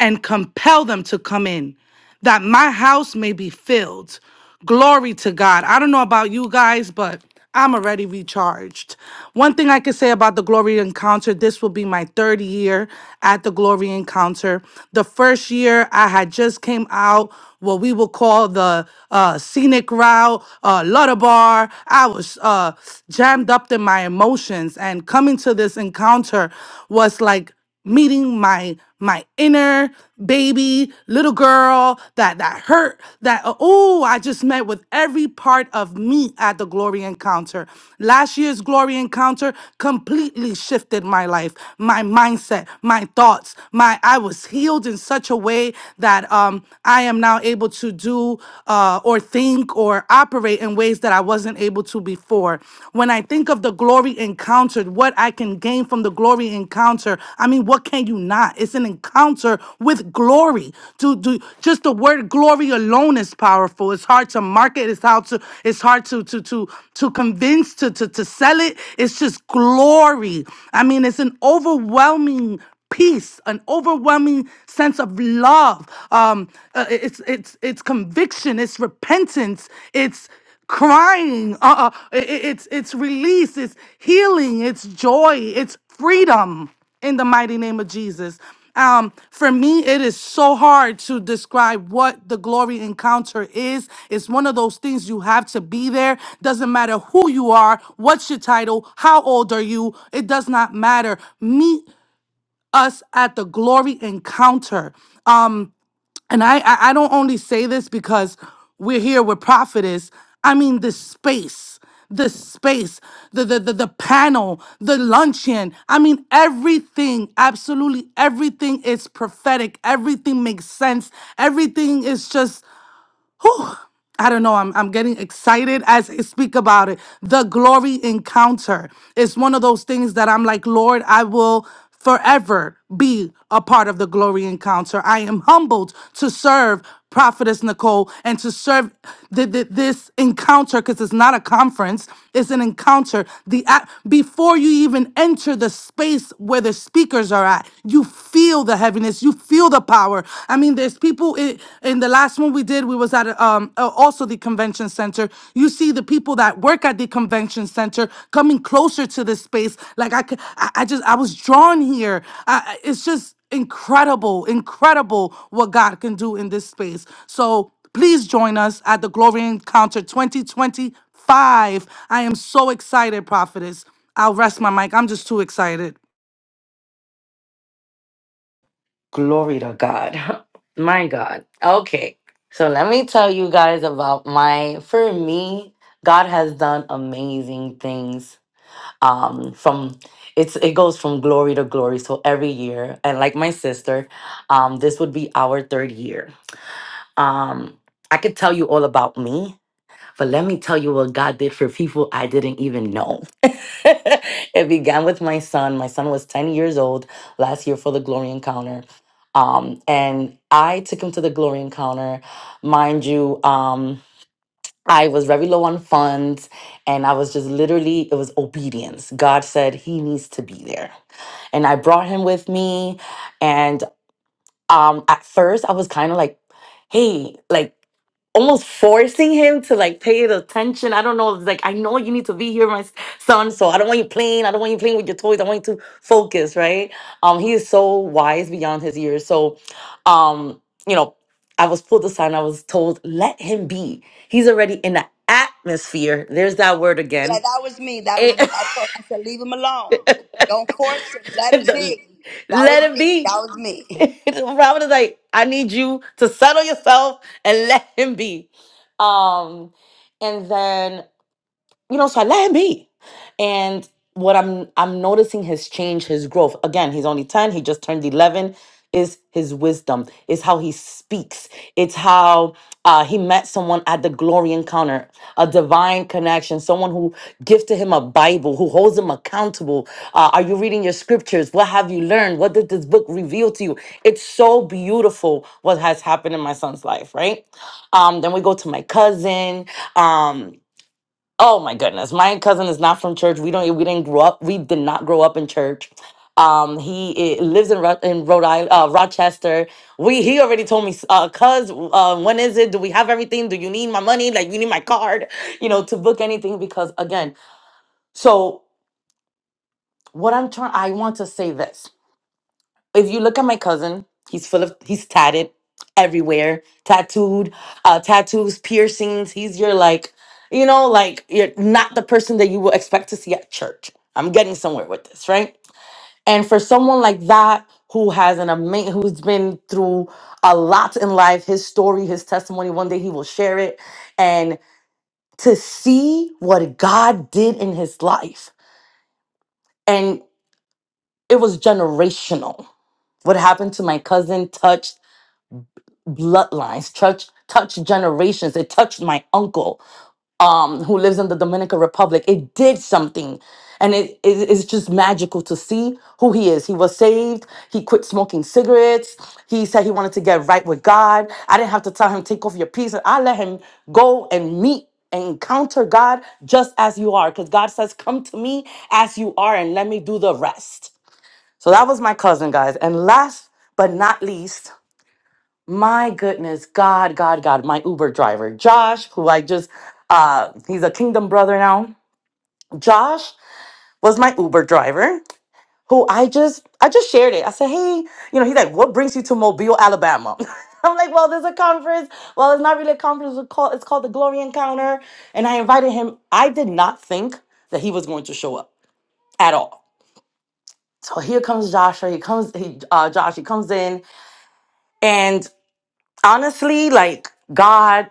Speaker 4: and compel them to come in, that my house may be filled. Glory to God. I don't know about you guys, but I'm already recharged. One thing I can say about the Glory Encounter this will be my third year at the Glory Encounter. The first year I had just came out what we will call the uh, scenic route, uh, Lutter Bar. I was uh, jammed up in my emotions, and coming to this encounter was like, meeting my my inner baby little girl that that hurt that uh, oh i just met with every part of me at the glory encounter last year's glory encounter completely shifted my life my mindset my thoughts my i was healed in such a way that um i am now able to do uh or think or operate in ways that i wasn't able to before for. When I think of the glory encountered, what I can gain from the glory encounter, I mean, what can you not? It's an encounter with glory. To do just the word glory alone is powerful. It's hard to market. It's how to. It's hard to to to to convince to to to sell it. It's just glory. I mean, it's an overwhelming peace, an overwhelming sense of love. Um, uh, it's it's it's conviction, it's repentance, it's crying, uh, uh, i- i- it's it's release, it's healing, it's joy, it's freedom in the mighty name of Jesus. Um, for me, it is so hard to describe what the glory encounter is. It's one of those things you have to be there. Doesn't matter who you are, what's your title, how old are you, it does not matter. Meet us at the glory encounter. Um, and I, I I don't only say this because we're here with prophetess. I mean the space, the space, the the the, the panel, the luncheon. I mean everything, absolutely everything is prophetic. Everything makes sense. Everything is just Whew. I don't know. I'm, I'm getting excited as I speak about it. The glory encounter is one of those things that I'm like, Lord, I will forever be a part of the glory encounter. I am humbled to serve Prophetess Nicole and to serve th- th- this encounter because it's not a conference, it's an encounter. The at- Before you even enter the space where the speakers are at, you feel the heaviness, you feel feel the power. I mean, there's people in, in the last one we did, we was at a, um uh, also the convention center. You see the people that work at the convention center coming closer to this space. Like I could, I, I just I was drawn here. I, I- it's just incredible, incredible what God can do in this space. So please join us at the Glory Encounter 2025. I am so excited, prophetess. I'll rest my mic. I'm just too excited.
Speaker 2: glory to god my god okay so let me tell you guys about my for me god has done amazing things um from it's it goes from glory to glory so every year and like my sister um this would be our third year Um, I could tell you all about me, but let me tell you what God did for people I didn't even know. it began with my son. My son was 10 years old last year for the Glory Encounter. Um, and I took him to the Glory Encounter. Mind you, um, I was very low on funds and I was just literally, it was obedience. God said he needs to be there and I brought him with me. And um at first i was kind of like hey like almost forcing him to like pay the attention i don't know it's like i know you need to be here my s- son so i don't want you playing i don't want you playing with your toys i want you to focus right um he is so wise beyond his years so um you know i was pulled aside and i was told let him be he's already in the atmosphere there's that word
Speaker 1: Yeah,
Speaker 2: again
Speaker 1: that was me. That
Speaker 2: Eh,
Speaker 1: was me. I told I said, leave him alone. Don't force him. Let him
Speaker 2: the-
Speaker 1: be. That
Speaker 2: let
Speaker 1: was
Speaker 2: him
Speaker 1: me.
Speaker 2: be
Speaker 1: That was me.
Speaker 2: Robert is like, I need you to settle yourself and let him be. Um, and then you know so i let him be and what i'm i'm noticing his change his growth again he's only 10 he just turned 11 is his wisdom is how he speaks it's how uh, he met someone at the glory encounter a divine connection someone who gifted him a bible who holds him accountable uh, are you reading your scriptures what have you learned what did this book reveal to you it's so beautiful what has happened in my son's life right um, then we go to my cousin um, Oh my goodness. My cousin is not from church. We don't we didn't grow up. We did not grow up in church. Um he i- lives in Ro- in Rhode Island, uh, Rochester. We he already told me uh cuz uh when is it? Do we have everything? Do you need my money? Like you need my card, you know, to book anything because again. So what I'm trying I want to say this if you look at my cousin, he's full of he's tatted everywhere, tattooed, uh tattoos, piercings. He's your like, you know, like you're not the person that you will expect to see at church. I'm getting somewhere with this, right? And for someone like that who has an amazing who's been through a lot in life, his story, his testimony, one day he will share it and to see what God did in his life. And it was generational what happened to my cousin touched bloodlines, touch touched generations. It touched my uncle, um, who lives in the Dominican Republic. It did something, and it, it- it's just magical to see who he is. He was saved. He quit smoking cigarettes. He said he wanted to get right with God. I didn't have to tell him take off your peace. I let him go and meet and encounter God just as you are, because God says, "Come to me as you are, and let me do the rest." So that was my cousin, guys. And last but not least, my goodness, God, God, God, my Uber driver, Josh, who I just, uh, he's a kingdom brother now. Josh was my Uber driver who I just, I just shared it. I said, hey, you know, he's like, what brings you to Mobile, Alabama? I'm like, well, there's a conference. Well, it's not really a conference. It's called, it's called the Glory Encounter. And I invited him. I did not think that he was going to show up at all. So here comes Joshua. He comes, he, uh, Josh, he comes in and honestly, like God.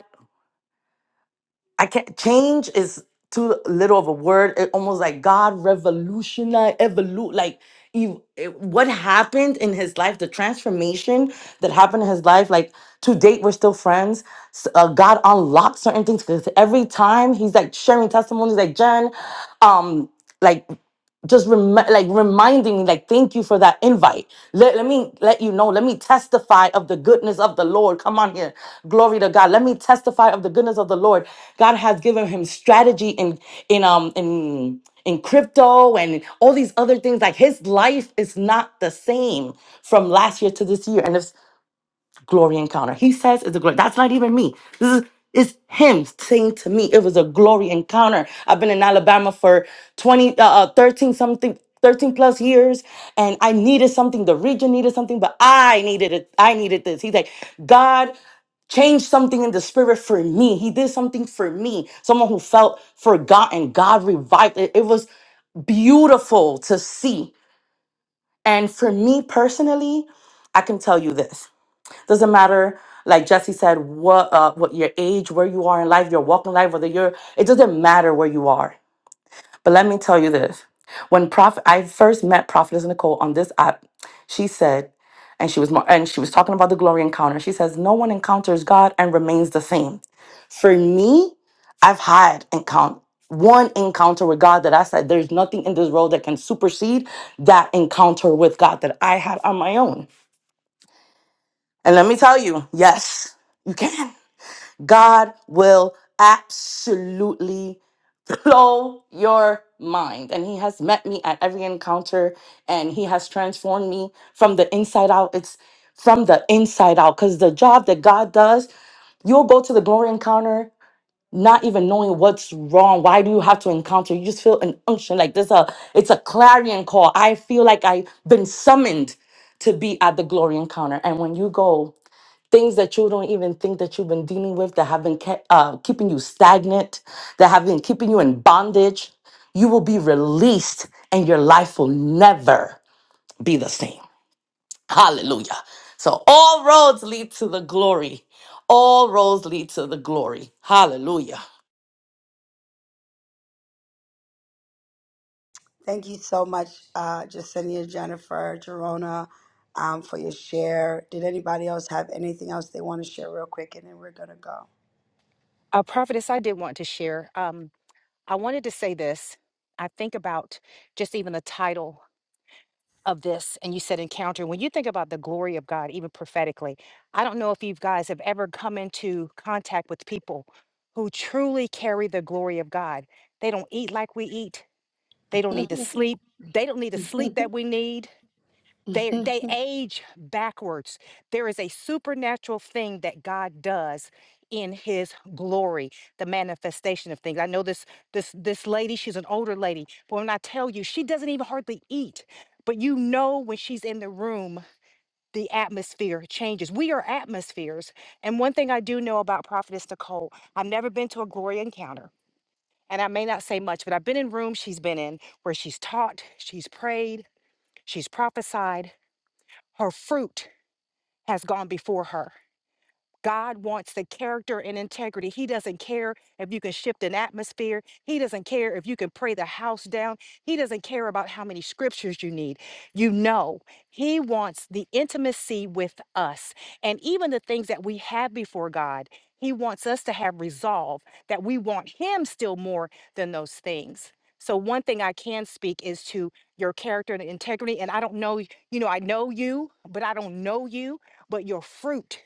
Speaker 2: I can't change is too little of a word. It almost like God revolutionized, evolute. Like you, it- what happened in his life, the transformation that happened in his life. Like to date, we're still friends. S- Uh, God unlocked certain things because every time he's like sharing testimonies, like Jen, um. like just rem- like reminding me like thank you for that invite let, let me let you know let me testify of the goodness of the lord come on here glory to god let me testify of the goodness of the lord god has given him strategy in in um in in crypto and all these other things like his life is not the same from last year to this year and if glory encounter. He says it's a glory. That's not even me. This is it's him saying to me it was a glory encounter. I've been in Alabama for 20 uh, uh, 13 something 13 plus years and I needed something the region needed something but I needed it. I needed this. He's like God changed something in the spirit for me. He did something for me. Someone who felt forgotten, God revived it. It was beautiful to see. And for me personally, I can tell you this. Doesn't matter, like Jesse said, what uh, what your age, where you are in life, your walk in life, whether you're it doesn't matter where you are. But let me tell you this. When Prophet I first met Prophetess Nicole on this app, she said, and she was more and she was talking about the glory encounter. She says, No one encounters God and remains the same. For me, I've had encounter one encounter with God that I said there's nothing in this world that can supersede that encounter with God that I had on my own. And let me tell you, yes, you can. God will absolutely blow your mind. And He has met me at every encounter and He has transformed me from the inside out. It's from the inside out because the job that God does, you'll go to the glory encounter not even knowing what's wrong why do you have to encounter you just feel an unction like there's a it's a clarion call i feel like i've been summoned to be at the glory encounter and when you go things that you don't even think that you've been dealing with that have been kept, uh, keeping you stagnant, that have been keeping you in bondage, you will be released and your life will never be the same. Hallelujah. So all roads lead to the glory. All roads lead to the glory. Hallelujah.
Speaker 1: Thank you so much, uh, Jacinia, Jennifer, Gerona, um, for your share. Did anybody else have anything else they want to share real quick? And then we're going to go.
Speaker 7: uh, prophetess i did want to share um, i wanted to say this i think about just even the title of this and you said encounter when you think about the glory of god even prophetically i don't know if you guys have ever come into contact with people who truly carry the glory of god they don't eat like we eat They don't need the sleep. They don't need the sleep that we need. They they age backwards. There is a supernatural thing that God does in his glory, the manifestation of things. I know this this this lady, she's an older lady, but when I tell you, she doesn't even hardly eat. But you know when she's in the room, the atmosphere changes. We are atmospheres. And one thing I do know about Prophetess Nicole, I've never been to a glory encounter. And I may not say much, but I've been in rooms she's been in where she's taught, she's prayed, she's prophesied. Her fruit has gone before her. God wants the character and integrity. He doesn't care if you can shift an atmosphere. He doesn't care if you can pray the house down. He doesn't care about how many scriptures you need. You know, He wants the intimacy with us. And even the things that we have before God, He wants us to have resolve that we want Him still more than those things. So, one thing I can speak is to your character and integrity. And I don't know, you know, I know you, but I don't know you, but your fruit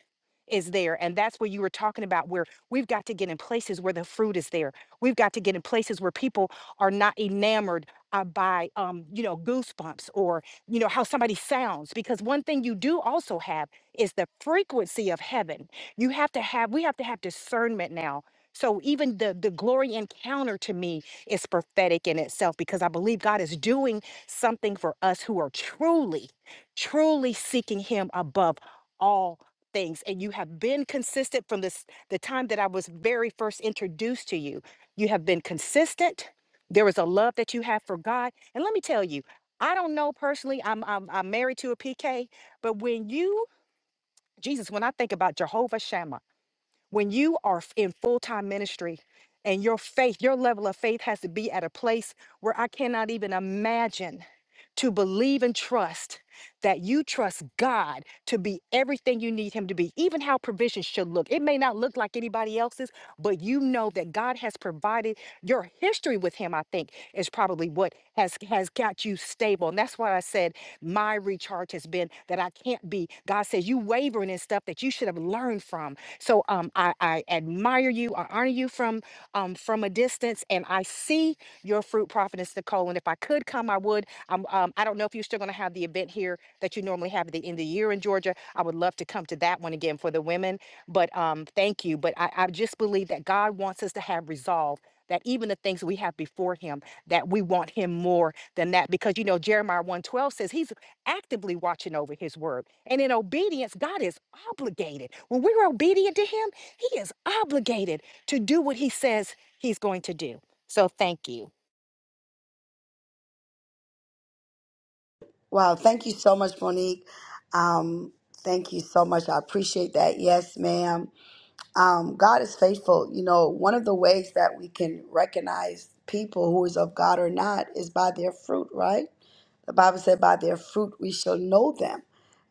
Speaker 7: is there. And that's where you were talking about where we've got to get in places where the fruit is there. We've got to get in places where people are not enamored uh, by, um, you know, goosebumps or, you know, how somebody sounds. Because one thing you do also have is the frequency of heaven. You have to have, we have to have discernment now. So even the, the glory encounter to me is prophetic in itself because I believe God is doing something for us who are truly, truly seeking him above all things and you have been consistent from this the time that I was very first introduced to you. You have been consistent. There is a love that you have for God. And let me tell you, I don't know personally, I'm I'm, I'm married to a PK, but when you Jesus, when I think about Jehovah Shammah. When you are f- in full time ministry and your faith, your level of faith has to be at a place where I cannot even imagine to believe and trust that you trust God to be everything you need Him to be, even how provision should look. It may not look like anybody else's, but you know that God has provided your history with Him, I think, is probably what has has got you stable. And that's why I said my recharge has been that I can't be. God says you wavering in stuff that you should have learned from. So um, I, I admire you. I honor you from um, from a distance, and I see your fruit, prophetess Nicole. And if I could come, I would. Um, um, I don't know if you're still going to have the event here that you normally have at the end of the year in Georgia. I would love to come to that one again for the women. But um, thank you. But I, I just believe that God wants us to have resolve that even the things we have before him that we want him more than that because you know jeremiah 112 says he's actively watching over his word and in obedience god is obligated when we're obedient to him he is obligated to do what he says he's going to do so thank you
Speaker 1: Wow. Thank you so much, Monique. Um, thank you so much. I appreciate that. Yes, ma'am. Um, God is faithful. You know, one of the ways that we can recognize people who is of God or not is by their fruit, right? The Bible said, by their fruit we shall know them.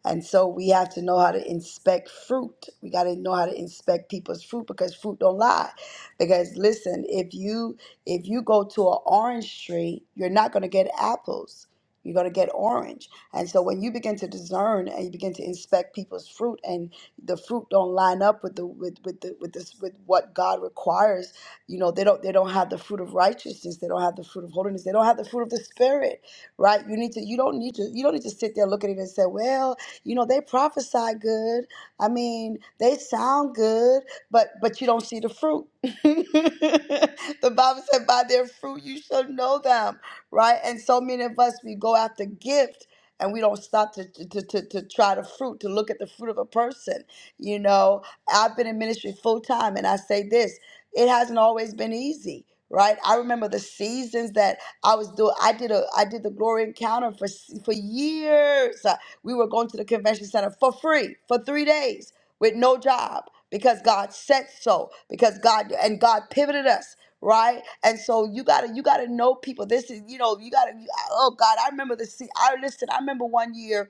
Speaker 1: And so we have to know how to inspect fruit. We got to know how to inspect people's fruit because fruit don't lie. Because listen, if you if you go to an orange tree, you're not going to get apples. You're going to get orange. And so when you begin to discern and you begin to inspect people's fruit and the fruit don't line up with the with with the with this with what God requires, you know, they don't they don't have the fruit of righteousness, they don't have the fruit of holiness, they don't have the fruit of the spirit right? You need to you don't need to you don't need to sit there looking at it and say, well, you know, they prophesy good. I mean, they sound good, but but you don't see the fruit. the Bible said, by their fruit you shall know them, right? And so many of us we go after gift and we don't stop to, to, to, to try the fruit, to look at the fruit of a person. You know, I've been in ministry full time and I say this, it hasn't always been easy, right? I remember the seasons that I was doing. I did a. I did the Glory Encounter for s- for years. Uh, We were going to the convention center for free for three days with no job because God said so. Because God and God pivoted us right. And so you gotta you gotta know people. This is you know you gotta. Oh God, I remember the. se- I listen. I remember one year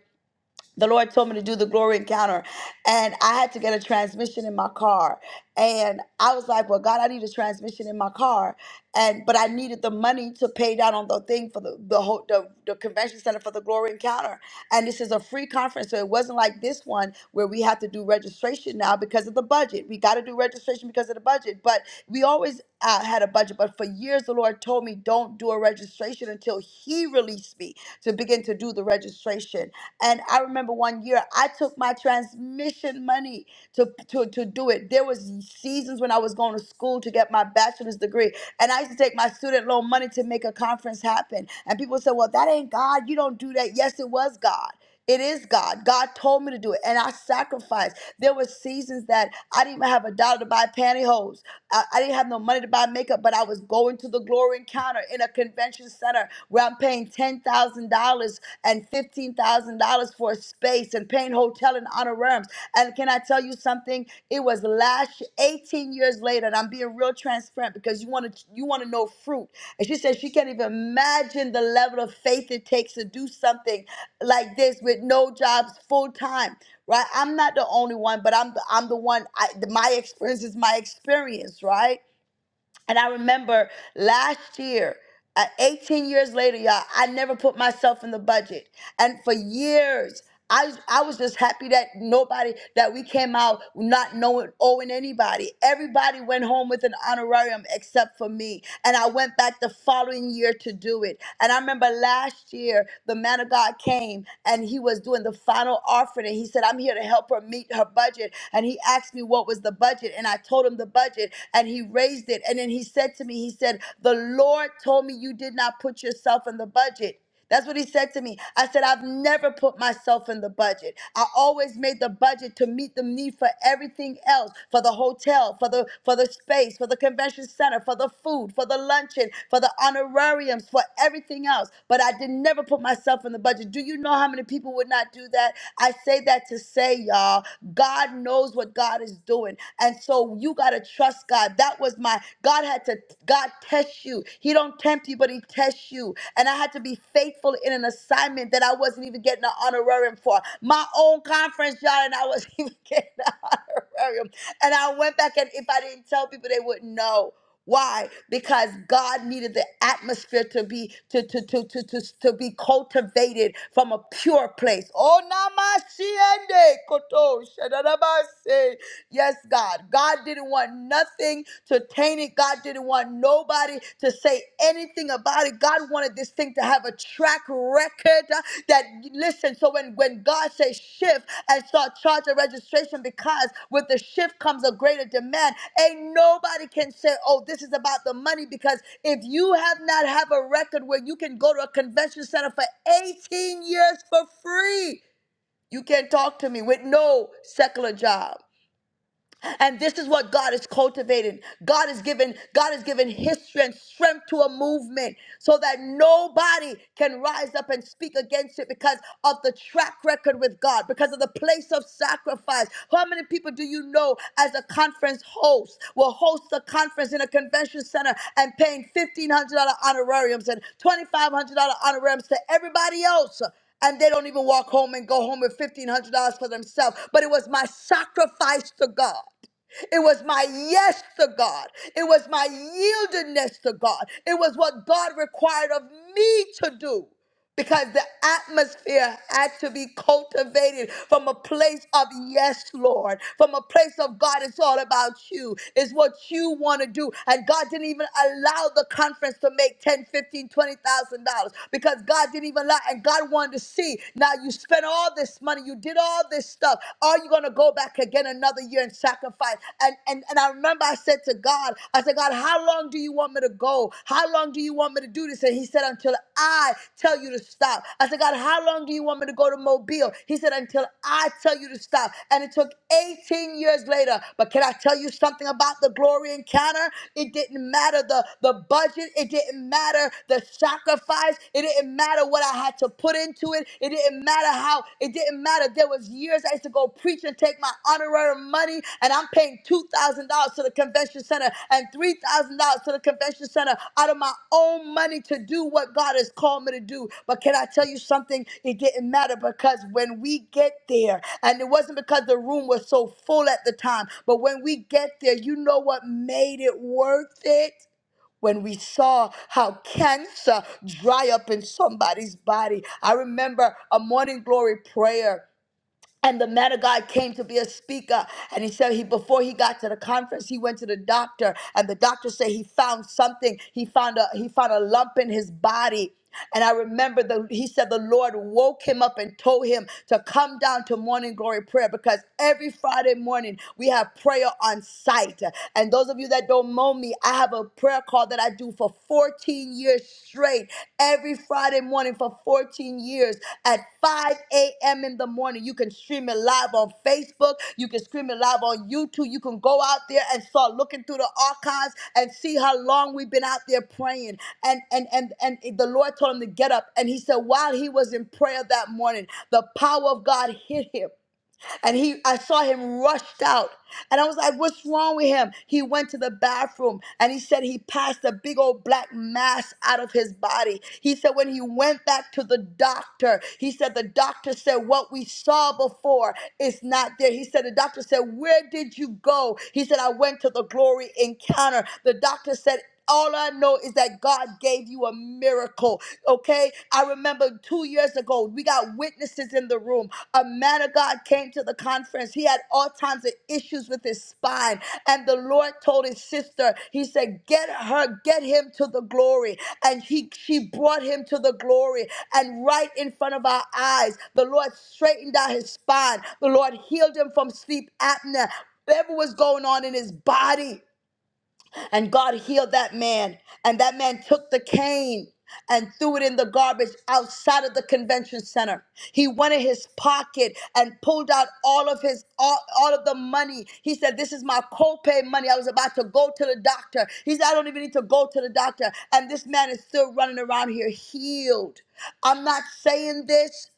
Speaker 1: the Lord told me to do the glory encounter, and I had to get a transmission in my car. And I was like, "Well, God, I need a transmission in my car," and but I needed the money to pay down on the thing for the the whole the, the convention center for the glory encounter. And this is a free conference, so it wasn't like this one where we have to do registration now because of the budget. We got to do registration because of the budget, but we always uh, had a budget. But for years, the Lord told me, "Don't do a registration until He released me to begin to do the registration." And I remember one year I took my transmission money to, to, to do it. There was seasons when I was going to school to get my bachelor's degree. And I used to take my student loan money to make a conference happen. And people said, Well, that ain't God. You don't do that. Yes, it was God. It is God. God told me to do it, and I sacrificed. There were seasons that I didn't even have a dollar to buy pantyhose. I, I didn't have no money to buy makeup, but I was going to the glory encounter in a convention center where I'm paying $10,000 and $15,000 for a space and paying hotel and honorariums. And can I tell you something? It was last 18 years later, and I'm being real transparent because you want to you want to know fruit. And she said she can't even imagine the level of faith it takes to do something like this with no jobs full time. Right? I'm not the only one, but I'm the, I'm the one. I, my experience is my experience, right? And I remember last year, at 18 years later, y'all, I never put myself in the budget. And for years, I, I was just happy that nobody, that we came out not knowing, owing anybody. Everybody went home with an honorarium except for me. And I went back the following year to do it. And I remember last year, the man of God came and he was doing the final offering. And he said, I'm here to help her meet her budget. And he asked me what was the budget. And I told him the budget and he raised it. And then he said to me, he said, the Lord told me you did not put yourself in the budget. That's what he said to me. I said, I've never put myself in the budget. I always made the budget to meet the need for everything else, for the hotel, for the for the space, for the convention center, for the food, for the luncheon, for the honorariums, for everything else. But I did never put myself in the budget. Do you know how many people would not do that? I say that to say, y'all, God knows what God is doing. And so so you gotta trust God. That was my God had to God test you. He don't tempt you, but he tests you. And I had to be faithful in an assignment that I wasn't even getting an honorarium for. My own conference job, and I wasn't even getting an honorarium. And I went back, and if I didn't tell people, they wouldn't know. Why? Because God needed the atmosphere to be to to to to to, to be cultivated from a pure place. Oh namasiende koto shadadabase. Yes, God. God didn't want nothing to taint it. God didn't want nobody to say anything about it. God wanted this thing to have a track record uh, that, listen, so when, when God says shift and start charging registration, because with the shift comes a greater demand, ain't nobody can say, oh, this is about the money, because if you have not have a record where you can go to a convention center for 18 years for free, you can't talk to me with no secular job. And this is what God is cultivating. God is giving, God is giving history and strength to a movement so that nobody can rise up and speak against it because of the track record with God, because of the place of sacrifice. How many people do you know as a conference host will host a conference in a convention center and paying $1,500 honorariums and $2,500 honorariums to everybody else? and they don't even walk home and go home with $1,500 for themselves. But it was my sacrifice to God. It was my yes to God. It was my yieldedness to God. It was what God required of me to do because the atmosphere had to be cultivated from a place of yes, Lord, from a place of God. It's all about you. It's what you want to do. And God didn't even allow the conference to make ten, fifteen, twenty thousand dollars because God didn't even allow. And God wanted to see. Now you spent all this money. You you did all this stuff. Are you going to go back again another year and sacrifice? And, and and I remember I said to God, I said, God, how long do you want me to go? How long do you want me to do this? And He said, until I tell you to stop. I said, God, how long do you want me to go to Mobile? He said, until I tell you to stop. And it took 18 years later. But can I tell you something about the glory encounter? It didn't matter the the budget. It didn't matter the sacrifice. It didn't didn't matter what I had to put into it. It didn't matter how. It didn't matter. There was years I used to go preach and take my honorary money, and I'm paying two thousand dollars to the convention center and three thousand dollars to the convention center out of my own money to do what God has called me to do. But can I tell you something? It didn't matter because when we get there, and it wasn't because the room was so full at the time, but when we get there, you know what made it worth it? when we saw how cancer dry up in somebody's body. I remember a morning glory prayer. And the man of God came to be a speaker, and he said he before he got to the conference, he went to the doctor, and the doctor said he found something. He found a he found a lump in his body, and I remember the he said the Lord woke him up and told him to come down to morning glory prayer because every Friday morning we have prayer on site. And those of you that don't know me, I have a prayer call that I do you for 14 years straight, every Friday morning for 14 years at 5 a.m. in the morning. You can stream it live on Facebook. You can stream it live on YouTube. You can go out there and start looking through the archives and see how long we've been out there praying. And and and and the Lord told him to get up. And he said, while he was in prayer that morning, the power of God hit him and he I saw him rushed out. And I was like, what's wrong with him? He went to the bathroom and he said he passed a big old black mass out of his body. He said when he went back to the doctor, he said the doctor said what we saw before is not there. He said the doctor said, "Where did you go?" He said I went to the glory encounter. The doctor said all I know is that God gave you a miracle. Okay. I remember two years ago, we got witnesses in the room. A man of God came to the conference. He had all kinds of issues with his spine. And the Lord told his sister, He said, Get her, get him to the glory. And he she brought him to the glory. And right in front of our eyes, the Lord straightened out his spine. The Lord healed him from sleep apnea. Whatever was going on in his body, and God healed that man. And that man took the cane and threw it in the garbage outside of the convention center. He went in his pocket and pulled out all of his all, all of the money. He said, This is my copay money. I was about to go to the doctor. He said, I don't even need to go to the doctor. And this man is still running around here healed. I'm not saying this.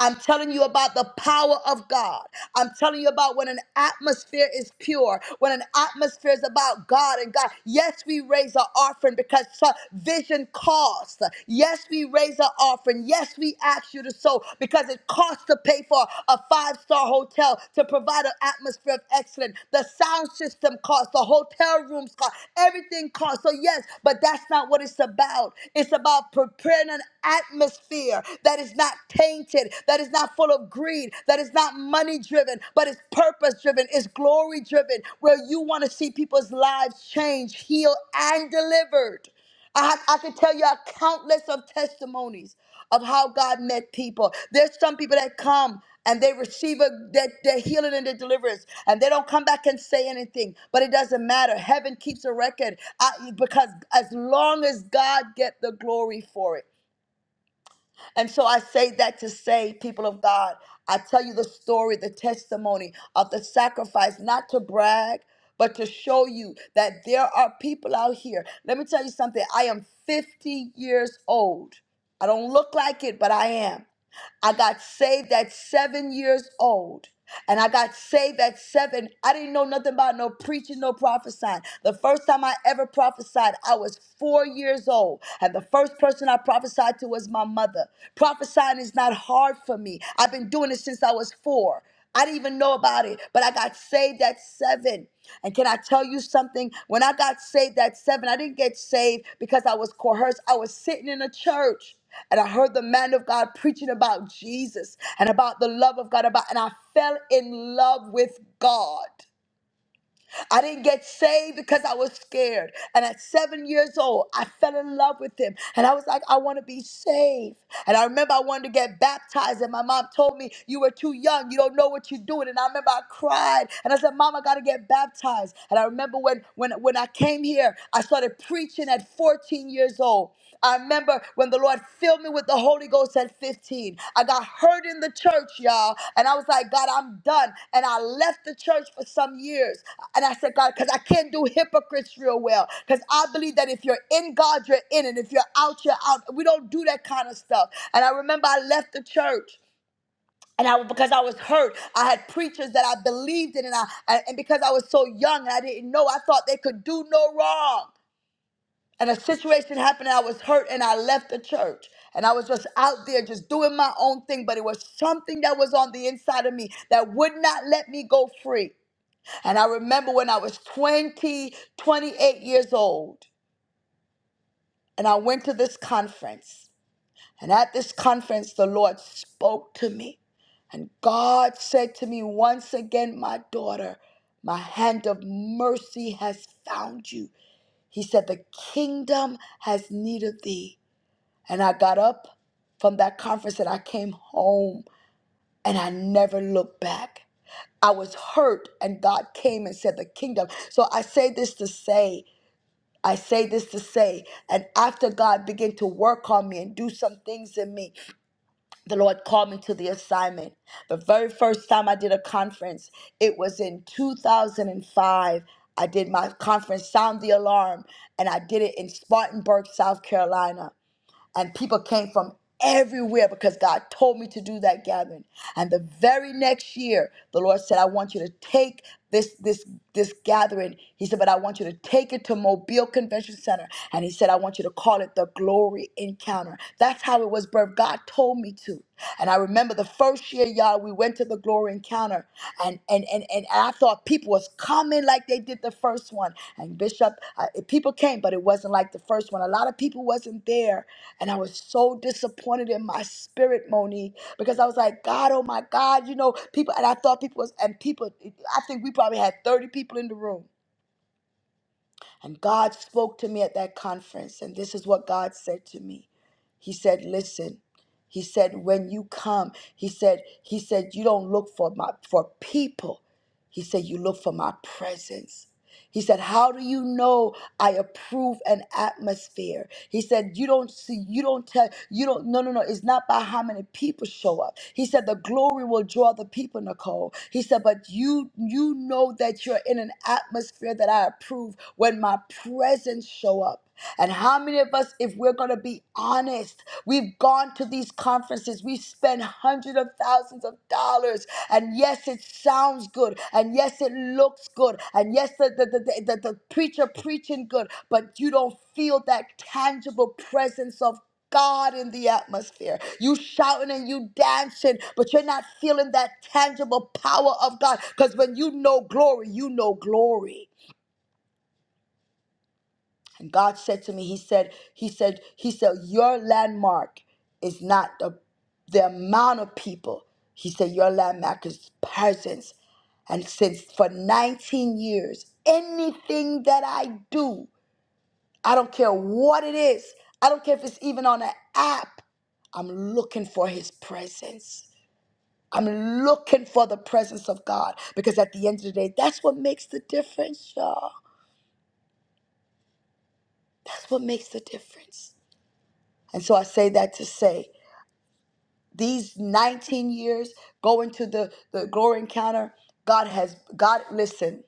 Speaker 1: I'm telling you about the power of God. I'm telling you about when an atmosphere is pure, when an atmosphere is about God and God. Yes, we raise our offering because so- vision costs. Yes, we raise our offering. Yes, we ask you to sow because it costs to pay for a five star hotel to provide an atmosphere of excellence. The sound system costs, the hotel rooms cost, everything costs. So, yes, but that's not what it's about. It's about preparing an atmosphere that is not tainted, that is not full of greed, that is not money driven, but it's purpose driven, it's glory driven, where you want to see people's lives change, healed, and delivered. I, have, I can tell you a countless of testimonies of how God met people. There's some people that come and they receive a, their, their healing and their deliverance, and they don't come back and say anything. But it doesn't matter. Heaven keeps a record I, because as long as God get the glory for it. And so I say that to say, people of God, I tell you the story, the testimony of the sacrifice, not to brag, but to show you that there are people out here. Let me tell you something. I am 50 years old. I don't look like it, but I am. I got saved at seven years old. And I got saved at seven. I didn't know nothing about no preaching, no prophesying. The first time I ever prophesied, I was four years old. And the first person I prophesied to was my mother. Prophesying is not hard for me. I've been doing it since I was four. I didn't even know about it, but I got saved at seven. And can I tell you something? When I got saved at seven, I didn't get saved because I was coerced. I was sitting in a church and I heard the man of God preaching about Jesus and about the love of God about and I fell in love with God. I didn't get saved because I was scared. And at seven years old, I fell in love with him. And I was like, I want to be saved. And I remember I wanted to get baptized. And my mom told me, You were too young. You don't know what you're doing. And I remember I cried. And I said, Mom, I got to get baptized. And I remember when, when, when I came here, I started preaching at 14 years old. I remember when the Lord filled me with the Holy Ghost at 15. I got hurt in the church, y'all. And I was like, God, I'm done. And I left the church for some years. And I said, God, because I can't do hypocrites real well. Because I believe that if you're in God, you're in. And if you're out, you're out. We don't do that kind of stuff. And I remember I left the church and I because I was hurt, I had preachers that I believed in, and I and and because I was so young and I didn't know, I thought they could do no wrong and a situation happened and I was hurt and I left the church. And I was just out there just doing my own thing, but it was something that was on the inside of me that would not let me go free. And I remember when I was twenty, twenty-eight years old, and I went to this conference. And at this conference, the Lord spoke to me. And God said to me once again, My daughter, my hand of mercy has found you. He said, The kingdom has need of thee. And I got up from that conference and I came home and I never looked back. I was hurt and God came and said the kingdom. So I say this to say, I say this to say, and after God began to work on me and do some things in me, the Lord called me to the assignment. The very first time I did a conference, it was in 2005. I did my conference, Sound the Alarm, and I did it in Spartanburg, South Carolina and people came from everywhere because God told me to do that gathering. And the very next year, the Lord said, I want you to take this this this gathering. He said, but I want you to take it to Mobile Convention Center. And he said, I want you to call it the glory encounter. That's how it was birthed. God told me to. And I remember the first year, y'all, we we went to the glory encounter and and and, and I thought people was coming like they did the first one. And Bishop, uh, people came, but it wasn't like the first one. A lot of people wasn't there, and I was so disappointed in my spirit, Monique, because I was like, God, oh my God, you know, people. And I thought people was and people. I think we probably had thirty people in the room and God spoke to me at that conference, and this is what God said to me. He said, Listen, he said, when you come, he said, he said, you don't look for my for people. He said, You look for my presence. He said, How do you know I approve an atmosphere? He said, You don't see, you don't tell, you don't, no, no, no. It's not by how many people show up. He said, The glory will draw the people, Nicole. He said, But you you know that you're in an atmosphere that I approve when my presence show up. And how many of us, if we're going to be honest, we've gone to these conferences, we spend hundreds of thousands of dollars, and yes, it sounds good, and yes, it looks good, and yes, the, the, the, the, the preacher preaching good, but you don't feel that tangible presence of God in the atmosphere. You shouting and you dancing, but you're not feeling that tangible power of God. Because when you know glory, you know glory. And God said to me, He said, He said, He said, your landmark is not the, the amount of people. He said, your landmark is presence. And since for 19 years, anything that I do, I don't care what it is, I don't care if it's even on an app, I'm looking for his presence. I'm looking for the presence of God because at the end of the day, that's what makes the difference, y'all. That's what makes the difference. And so I say that to say these 19 years going to the, the glory encounter, God has, God, listen,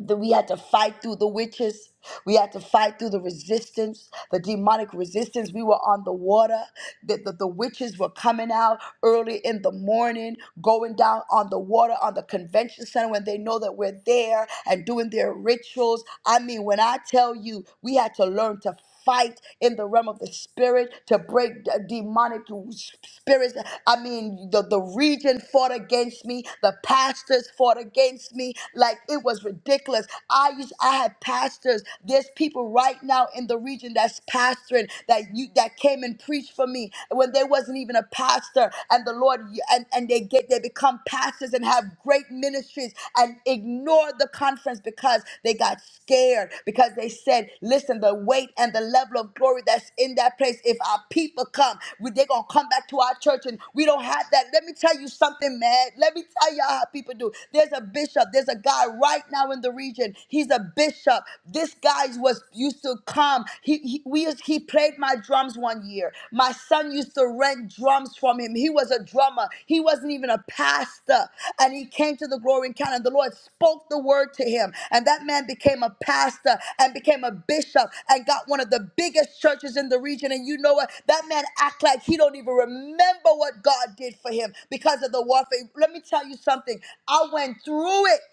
Speaker 1: that we had to fight through the witches. We had to fight through the resistance, the demonic resistance. We were on the water. The, the, the witches were coming out early in the morning, going down on the water on the convention center when they know that we're there and doing their rituals. I mean, when I tell you, we had to learn to fight in the realm of the spirit to break d- demonic s- spirits. I mean, the, the region fought against me, the pastors fought against me. Like it was ridiculous. I used I had pastors. There's people right now in the region that's pastoring that you that came and preached for me when there wasn't even a pastor, and the Lord and, and they get they become pastors and have great great ministries and ignored the conference because they got scared, because they said, listen, the weight and the level of glory that's in that place, if our people come, we, they're going to come back to our church and we don't have that. Let me tell you something, man. Let me tell y'all how people do. There's a bishop, there's a guy right now in the region. He's a bishop. This guy was used to come. He, he, we, used- he played my drums one year. My son used to rent drums from him. He was a drummer, he wasn't even a pastor. And he came to the glory encounter. The Lord spoke the word to him. And that man became a pastor and became a bishop and got one of the biggest churches in the region. And you know what? That man act like he don't even remember what God did for him because of the warfare. Let me tell you something. I went through it.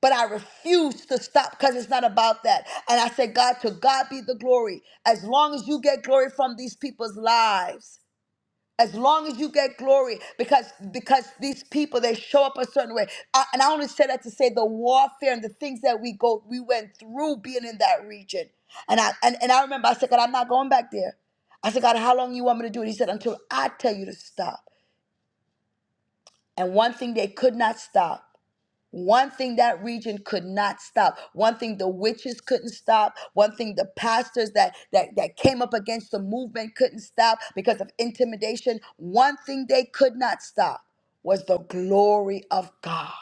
Speaker 1: But I refuse to stop because it's not about that. And I said, God, to God be the glory. As long as you get glory from these people's lives, as long as you get glory, because because these people they show up a certain way. I, and I only said that to say the warfare and the things that we go we went through being in that region. And I and, and I remember I said, God, I'm not going back there. I said, God, how long you want me to do it? He said, until I tell you to stop. And one thing they could not stop. One thing that region could not stop. One thing the witches couldn't stop. One thing the pastors that, that, that came up against the movement couldn't stop because of intimidation. One thing they could not stop was the glory of God.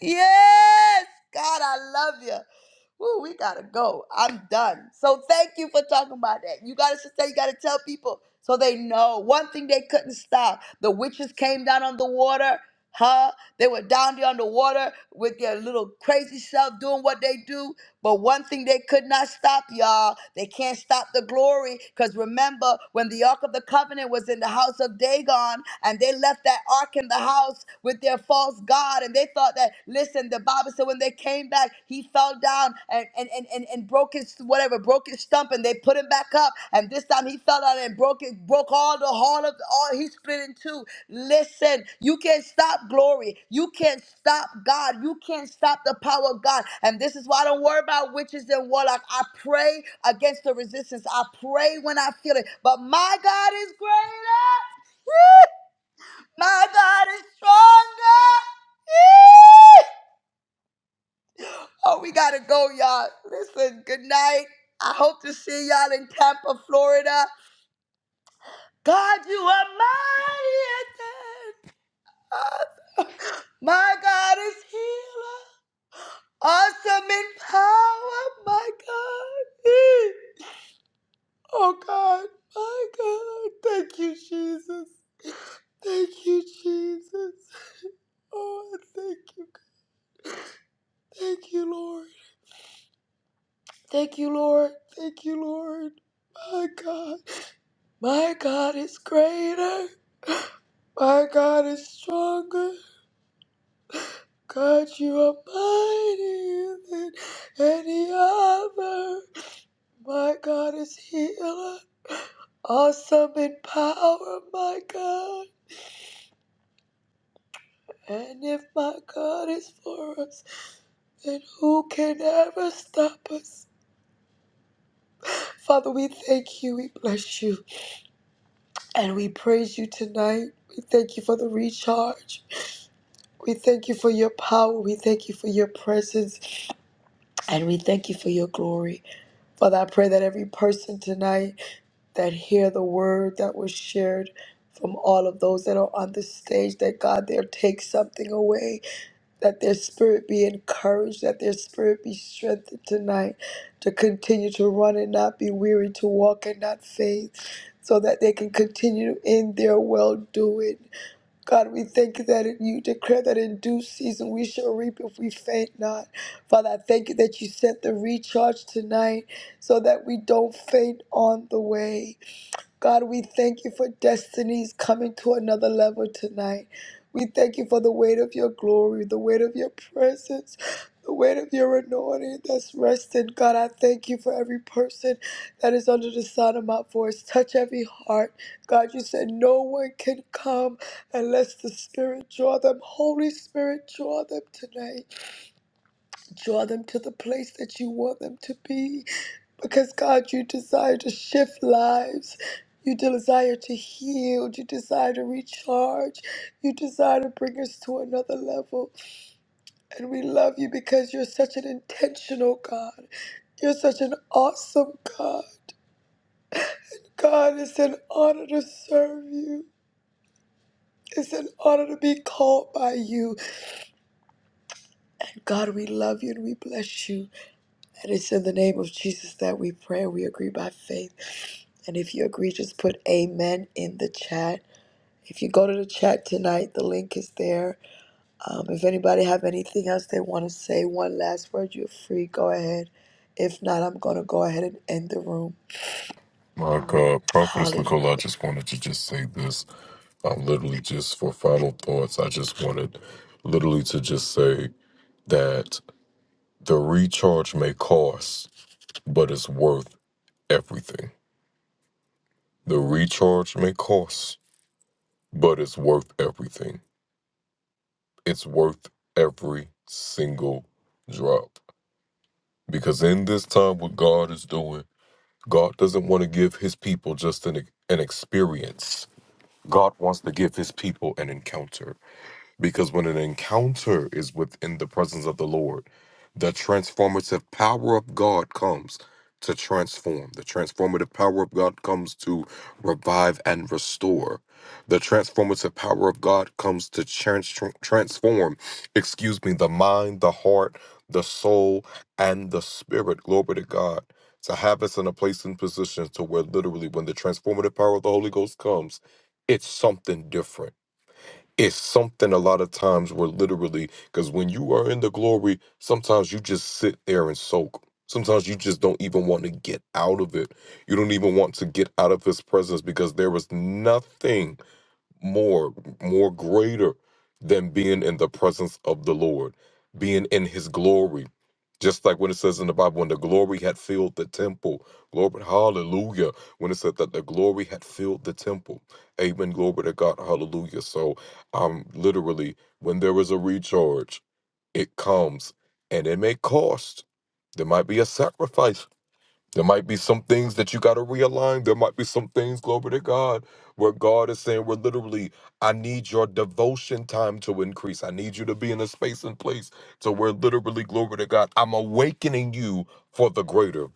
Speaker 1: Yes, God, I love you. Woo, we gotta go. I'm done. So thank you for talking about that. You gotta sister, you gotta tell people so they know. One thing they couldn't stop. The witches came down on the water, huh? They were down there on the water with their little crazy self doing what they do. But one thing they could not stop, y'all, they can't stop the glory. Because remember, when the Ark of the Covenant was in the house of Dagon, and they left that Ark in the house with their false God, and they thought that, listen, the Bible said when they came back, he fell down and, and, and, and, and broke his, whatever, broke his stump, and they put him back cup. And this time he fell out and broke it, broke all the heart of all he split in two. Listen, you can't stop glory. You can't stop God. You can't stop the power of God. And this is why I don't worry about witches and warlock. I pray against the resistance. I pray when I feel it. But my God is greater. My God is stronger. Yee! Oh, we gotta go, y'all. Listen, good night. I hope to see y'all in Tampa, Florida. God, you are mighty. and good. My God is healer. Awesome in power, my God. Oh, God, my God. Thank you, Jesus. Thank you, Jesus. Oh, thank you. Thank you, Lord. Thank you, Lord. Thank you, Lord. My God. My God is greater. My God is stronger. God, you are mightier than any other. My God is healer, awesome in power, my God. And if my God is for us, then who can ever stop us? Father, we thank you, we bless you, and we praise you tonight. We thank you for the recharge. We thank you for your power. We thank you for your presence. And we thank you for your glory. Father, I pray that every person tonight that hear the word that was shared from all of those that are on the stage, that God there take something away, that their spirit be encouraged, that their spirit be strengthened tonight to continue to run and not be weary, to walk and not faint, so that they can continue in their well doing. God, we thank you that you declare that in due season we shall reap if we faint not. Father, I thank you that you sent the recharge tonight so that we don't faint on the way. God, we thank you for destinies coming to another level tonight. We thank you for the weight of your glory, the weight of your presence, the weight of your anointing that's resting. God, I thank you for every person that is under the sound of my voice. Touch every heart. God, you said no one can come unless the Spirit draw them. Holy Spirit, draw them tonight. Draw them to the place that you want them to be. Because, God, you desire to shift lives. You desire to heal. You desire to recharge. You desire to bring us to another level. And we love you because you're such an intentional God. You're such an awesome God. God, it's an honor to serve you. It's an honor to be called by you. God, we love you and we bless you. And it's in the name of Jesus that we pray. We agree by faith. And if you agree, just put amen in the chat. If you go to the chat tonight, the link is there. Um, if anybody have anything else they want to say, one last word, you're free. Go ahead. If not, I'm going to go ahead and end the room.
Speaker 8: My God, Prophetess
Speaker 1: Hallelujah.
Speaker 8: Nicole, I just wanted to just say this. I'm literally just for final thoughts. I just wanted literally to just say. that the recharge may cost, but it's worth everything. The recharge may cost, but it's worth everything. It's worth every single drop. Because in this time, what God is doing, God doesn't want to give his people just an, an experience. God wants to give his people an encounter. Because when an encounter is within the presence of the Lord, the transformative power of God comes to transform. The transformative power of God comes to revive and restore. The transformative power of God comes to trans- transform, excuse me, the mind, the heart, the soul, and the spirit. Glory to God. To have us in a place and position to where literally when the transformative power of the Holy Ghost comes, it's something different it's something a lot of times where literally because when you are in the glory sometimes you just sit there and soak sometimes you just don't even want to get out of it you don't even want to get out of his presence because there was nothing more, more greater than being in the presence of the Lord, being in his glory. Just like when it says in the Bible, when the glory had filled the temple. Glory, hallelujah. When it said that the glory had filled the temple. Amen. Glory to God. Hallelujah. So um literally, when there is a recharge, it comes and it may cost. There might be a sacrifice there might be some things that you got to realign. There might be some things, glory to God, where God is saying, we're literally, I need your devotion time to increase. I need you to be in a space and place to where literally, glory to God, I'm awakening you for the greater.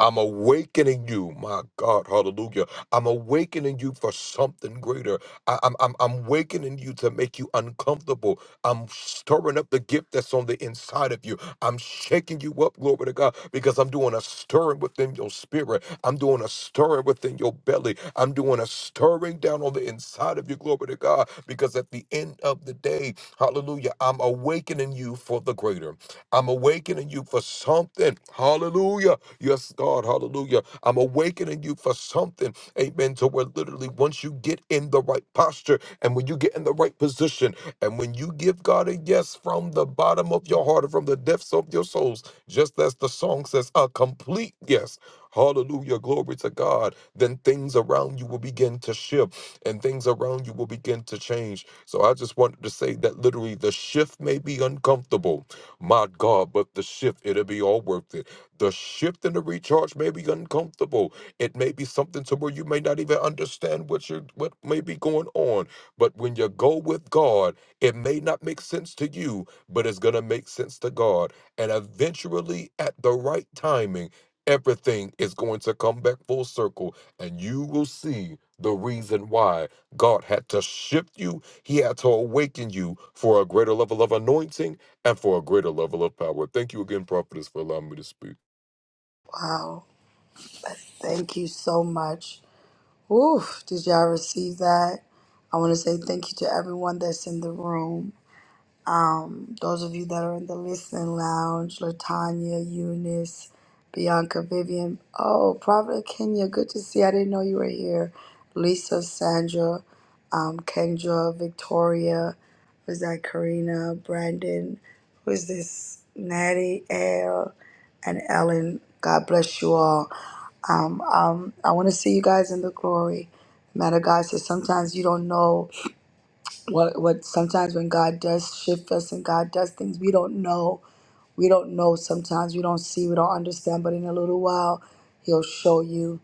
Speaker 8: I'm awakening you, my God, hallelujah. I'm awakening you for something greater. I, I'm, I'm, I'm awakening you to make you uncomfortable. I'm stirring up the gift that's on the inside of you. I'm shaking you up, glory to God, because I'm doing a stirring within your spirit. I'm doing a stirring within your belly. I'm doing a stirring down on the inside of you, glory to God, because at the end of the day, hallelujah, I'm awakening you for the greater. I'm awakening you for something. Hallelujah. Yes, God, hallelujah. I'm awakening you for something, amen, to where literally once you get in the right posture and when you get in the right position and when you give God a yes from the bottom of your heart and from the depths of your souls, just as the song says, a complete yes. Hallelujah, glory to God. Then things around you will begin to shift and things around you will begin to change. So I just wanted to say that literally the shift may be uncomfortable, my God, but the shift, it'll be all worth it. The shift and the recharge may be uncomfortable. It may be something to where you may not even understand what you what may be going on. But when you go with God, it may not make sense to you, but it's gonna make sense to God. And eventually, at the right timing, everything is going to come back full circle, and you will see the reason why God had to shift you. He had to awaken you for a greater level of anointing and for a greater level of power. Thank you again, prophetess, for allowing me to speak.
Speaker 1: Wow. Thank you so much. Oof, did y'all receive that? I want to say thank you to everyone that's in the room. Those of you that are in the listening lounge, Latanya, Eunice, Bianca, Vivian. Oh, Providence, Kenya. Good to see. you. I didn't know you were here. Lisa, Sandra, um, Kendra, Victoria. Was that Karina, Brandon? Who is this? Natty, Air, and Ellen. God bless you all. Um, um, I want to see you guys in the glory. Matter of God says sometimes you don't know what what sometimes when God does shift us and God does things we don't know, we don't know sometimes we don't see, we don't understand, but in a little while he'll show you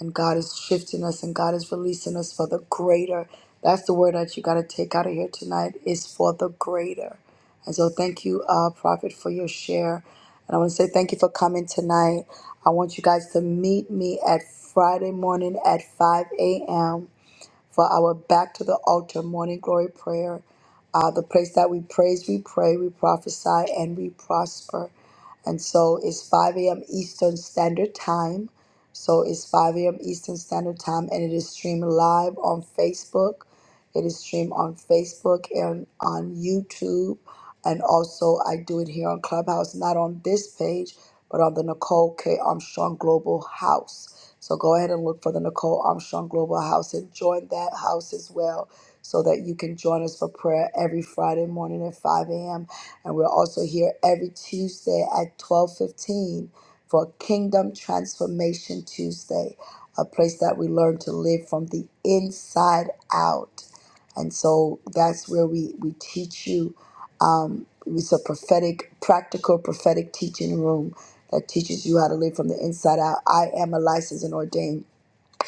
Speaker 1: and God is shifting us and God is releasing us for the greater. That's the word that you got to take out of here tonight is for the greater. And so thank you uh prophet for your share. And I want to say thank you for coming tonight. I want you guys to meet me at Friday morning at 5 a.m for our back to the altar morning glory prayer. Uh, the place that we praise, we pray, we prophesy, and we prosper. And so it's 5 a.m. Eastern Standard Time. So it's 5 a.m. Eastern Standard Time, and it is streamed live on Facebook. It is streamed on Facebook and on YouTube and also I do it here on Clubhouse, not on this page, but on the Nicole K. Armstrong Global House. So go ahead and look for the Nicole Armstrong Global House and join that house as well, so that you can join us for prayer every Friday morning at 5 a.m. And we're also here every Tuesday at 12:15 for Kingdom Transformation Tuesday, a place that we learn to live from the inside out. And so that's where we, we teach you um, it's a prophetic, practical, prophetic teaching room that teaches you how to live from the inside out. I am a licensed and ordained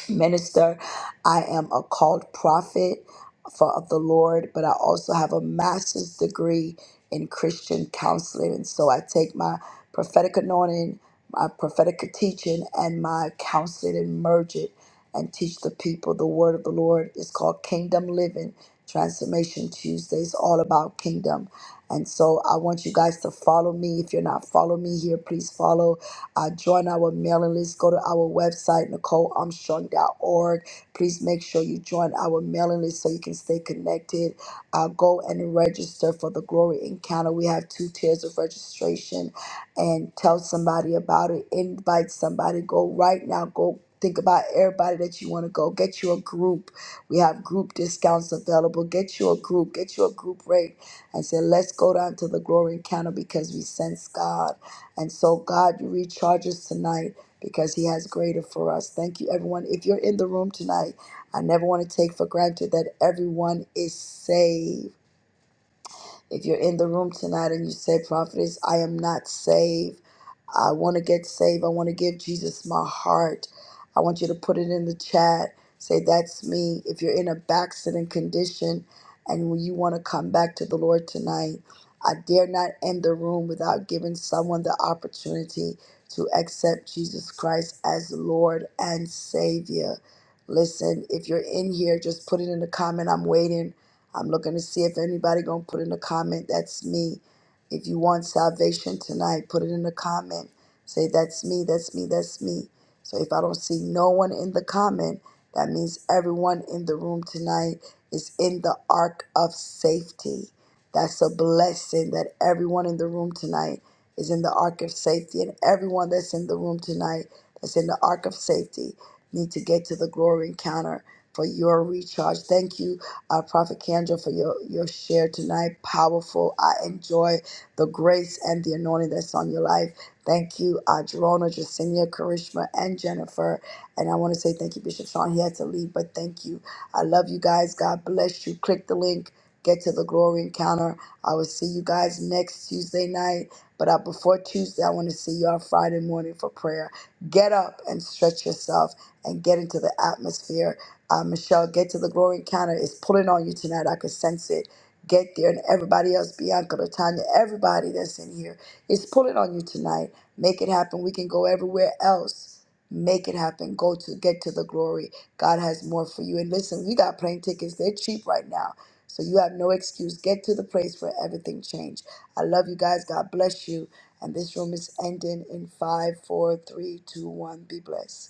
Speaker 1: minister. I am a called prophet for of the Lord, but I also have a master's degree in Christian counseling. And so I take my prophetic anointing, my prophetic teaching, and my counseling and merge it and teach the people the word of the Lord. It's called Kingdom Living Transformation Tuesdays, all about kingdom. And so I want you guys to follow me. If you're not following me here, please follow. Uh, join our mailing list. Go to our website, Nicole Armstrong. dot org. Please make sure you join our mailing list so you can stay connected. Uh, go and register for the Glory Encounter. We have two tiers of registration and tell somebody about it. Invite somebody. Go right now. Go think about everybody that you want to go. Get you a group. We have group discounts available. Get you a group. Get you a group rate I said, let's go down to the glory encounter because we sense God. And so, God, you recharge us tonight because He has greater for us. Thank you, everyone. If you're in the room tonight, I never want to take for granted that everyone is saved. If you're in the room tonight and you say, Prophetess, I am not saved, I want to get saved, I want to give Jesus my heart, I want you to put it in the chat. Say, That's me. If you're in a backslidden condition and when you want to come back to the Lord tonight, I dare not end the room without giving someone the opportunity to accept Jesus Christ as Lord and Savior. Listen, if you're in here, just put it in the comment. I'm waiting. I'm looking to see if anybody gonna put in a comment. That's me. If you want salvation tonight, put it in the comment. Say that's me. That's me. That's me. So if I don't see no one in the comment, that means everyone in the room tonight is in the ark of safety. That's a blessing that everyone in the room tonight is in the ark of safety, and everyone that's in the room tonight that's in the ark of safety need to get to the glory encounter for your recharge. Thank you uh, Prophet Kendra, for your, your share tonight. Powerful. I enjoy the grace and the anointing that's on your life. Thank you, uh, Jerona, Jacinia, Karishma, and Jennifer. And I want to say thank you, Bishop Sean. He had to leave, but thank you. I love you guys. God bless you. Click the link. Get to the glory encounter. I will see you guys next Tuesday night. But uh, before Tuesday, I want to see you on Friday morning for prayer. Get up and stretch yourself and get into the atmosphere uh, Michelle, get to the glory encounter. It's pulling on you tonight. I could sense it. Get there. And everybody else, Bianca, Latanya, everybody that's in here, it's pulling on you tonight. Make it happen. We can go everywhere else. Make it happen. Go to get to the glory. God has more for you. And listen, we got plane tickets. They're cheap right now. So you have no excuse. Get to the place where everything changed. I love you guys. God bless you. And this room is ending in five, four, three, two, one. Be blessed.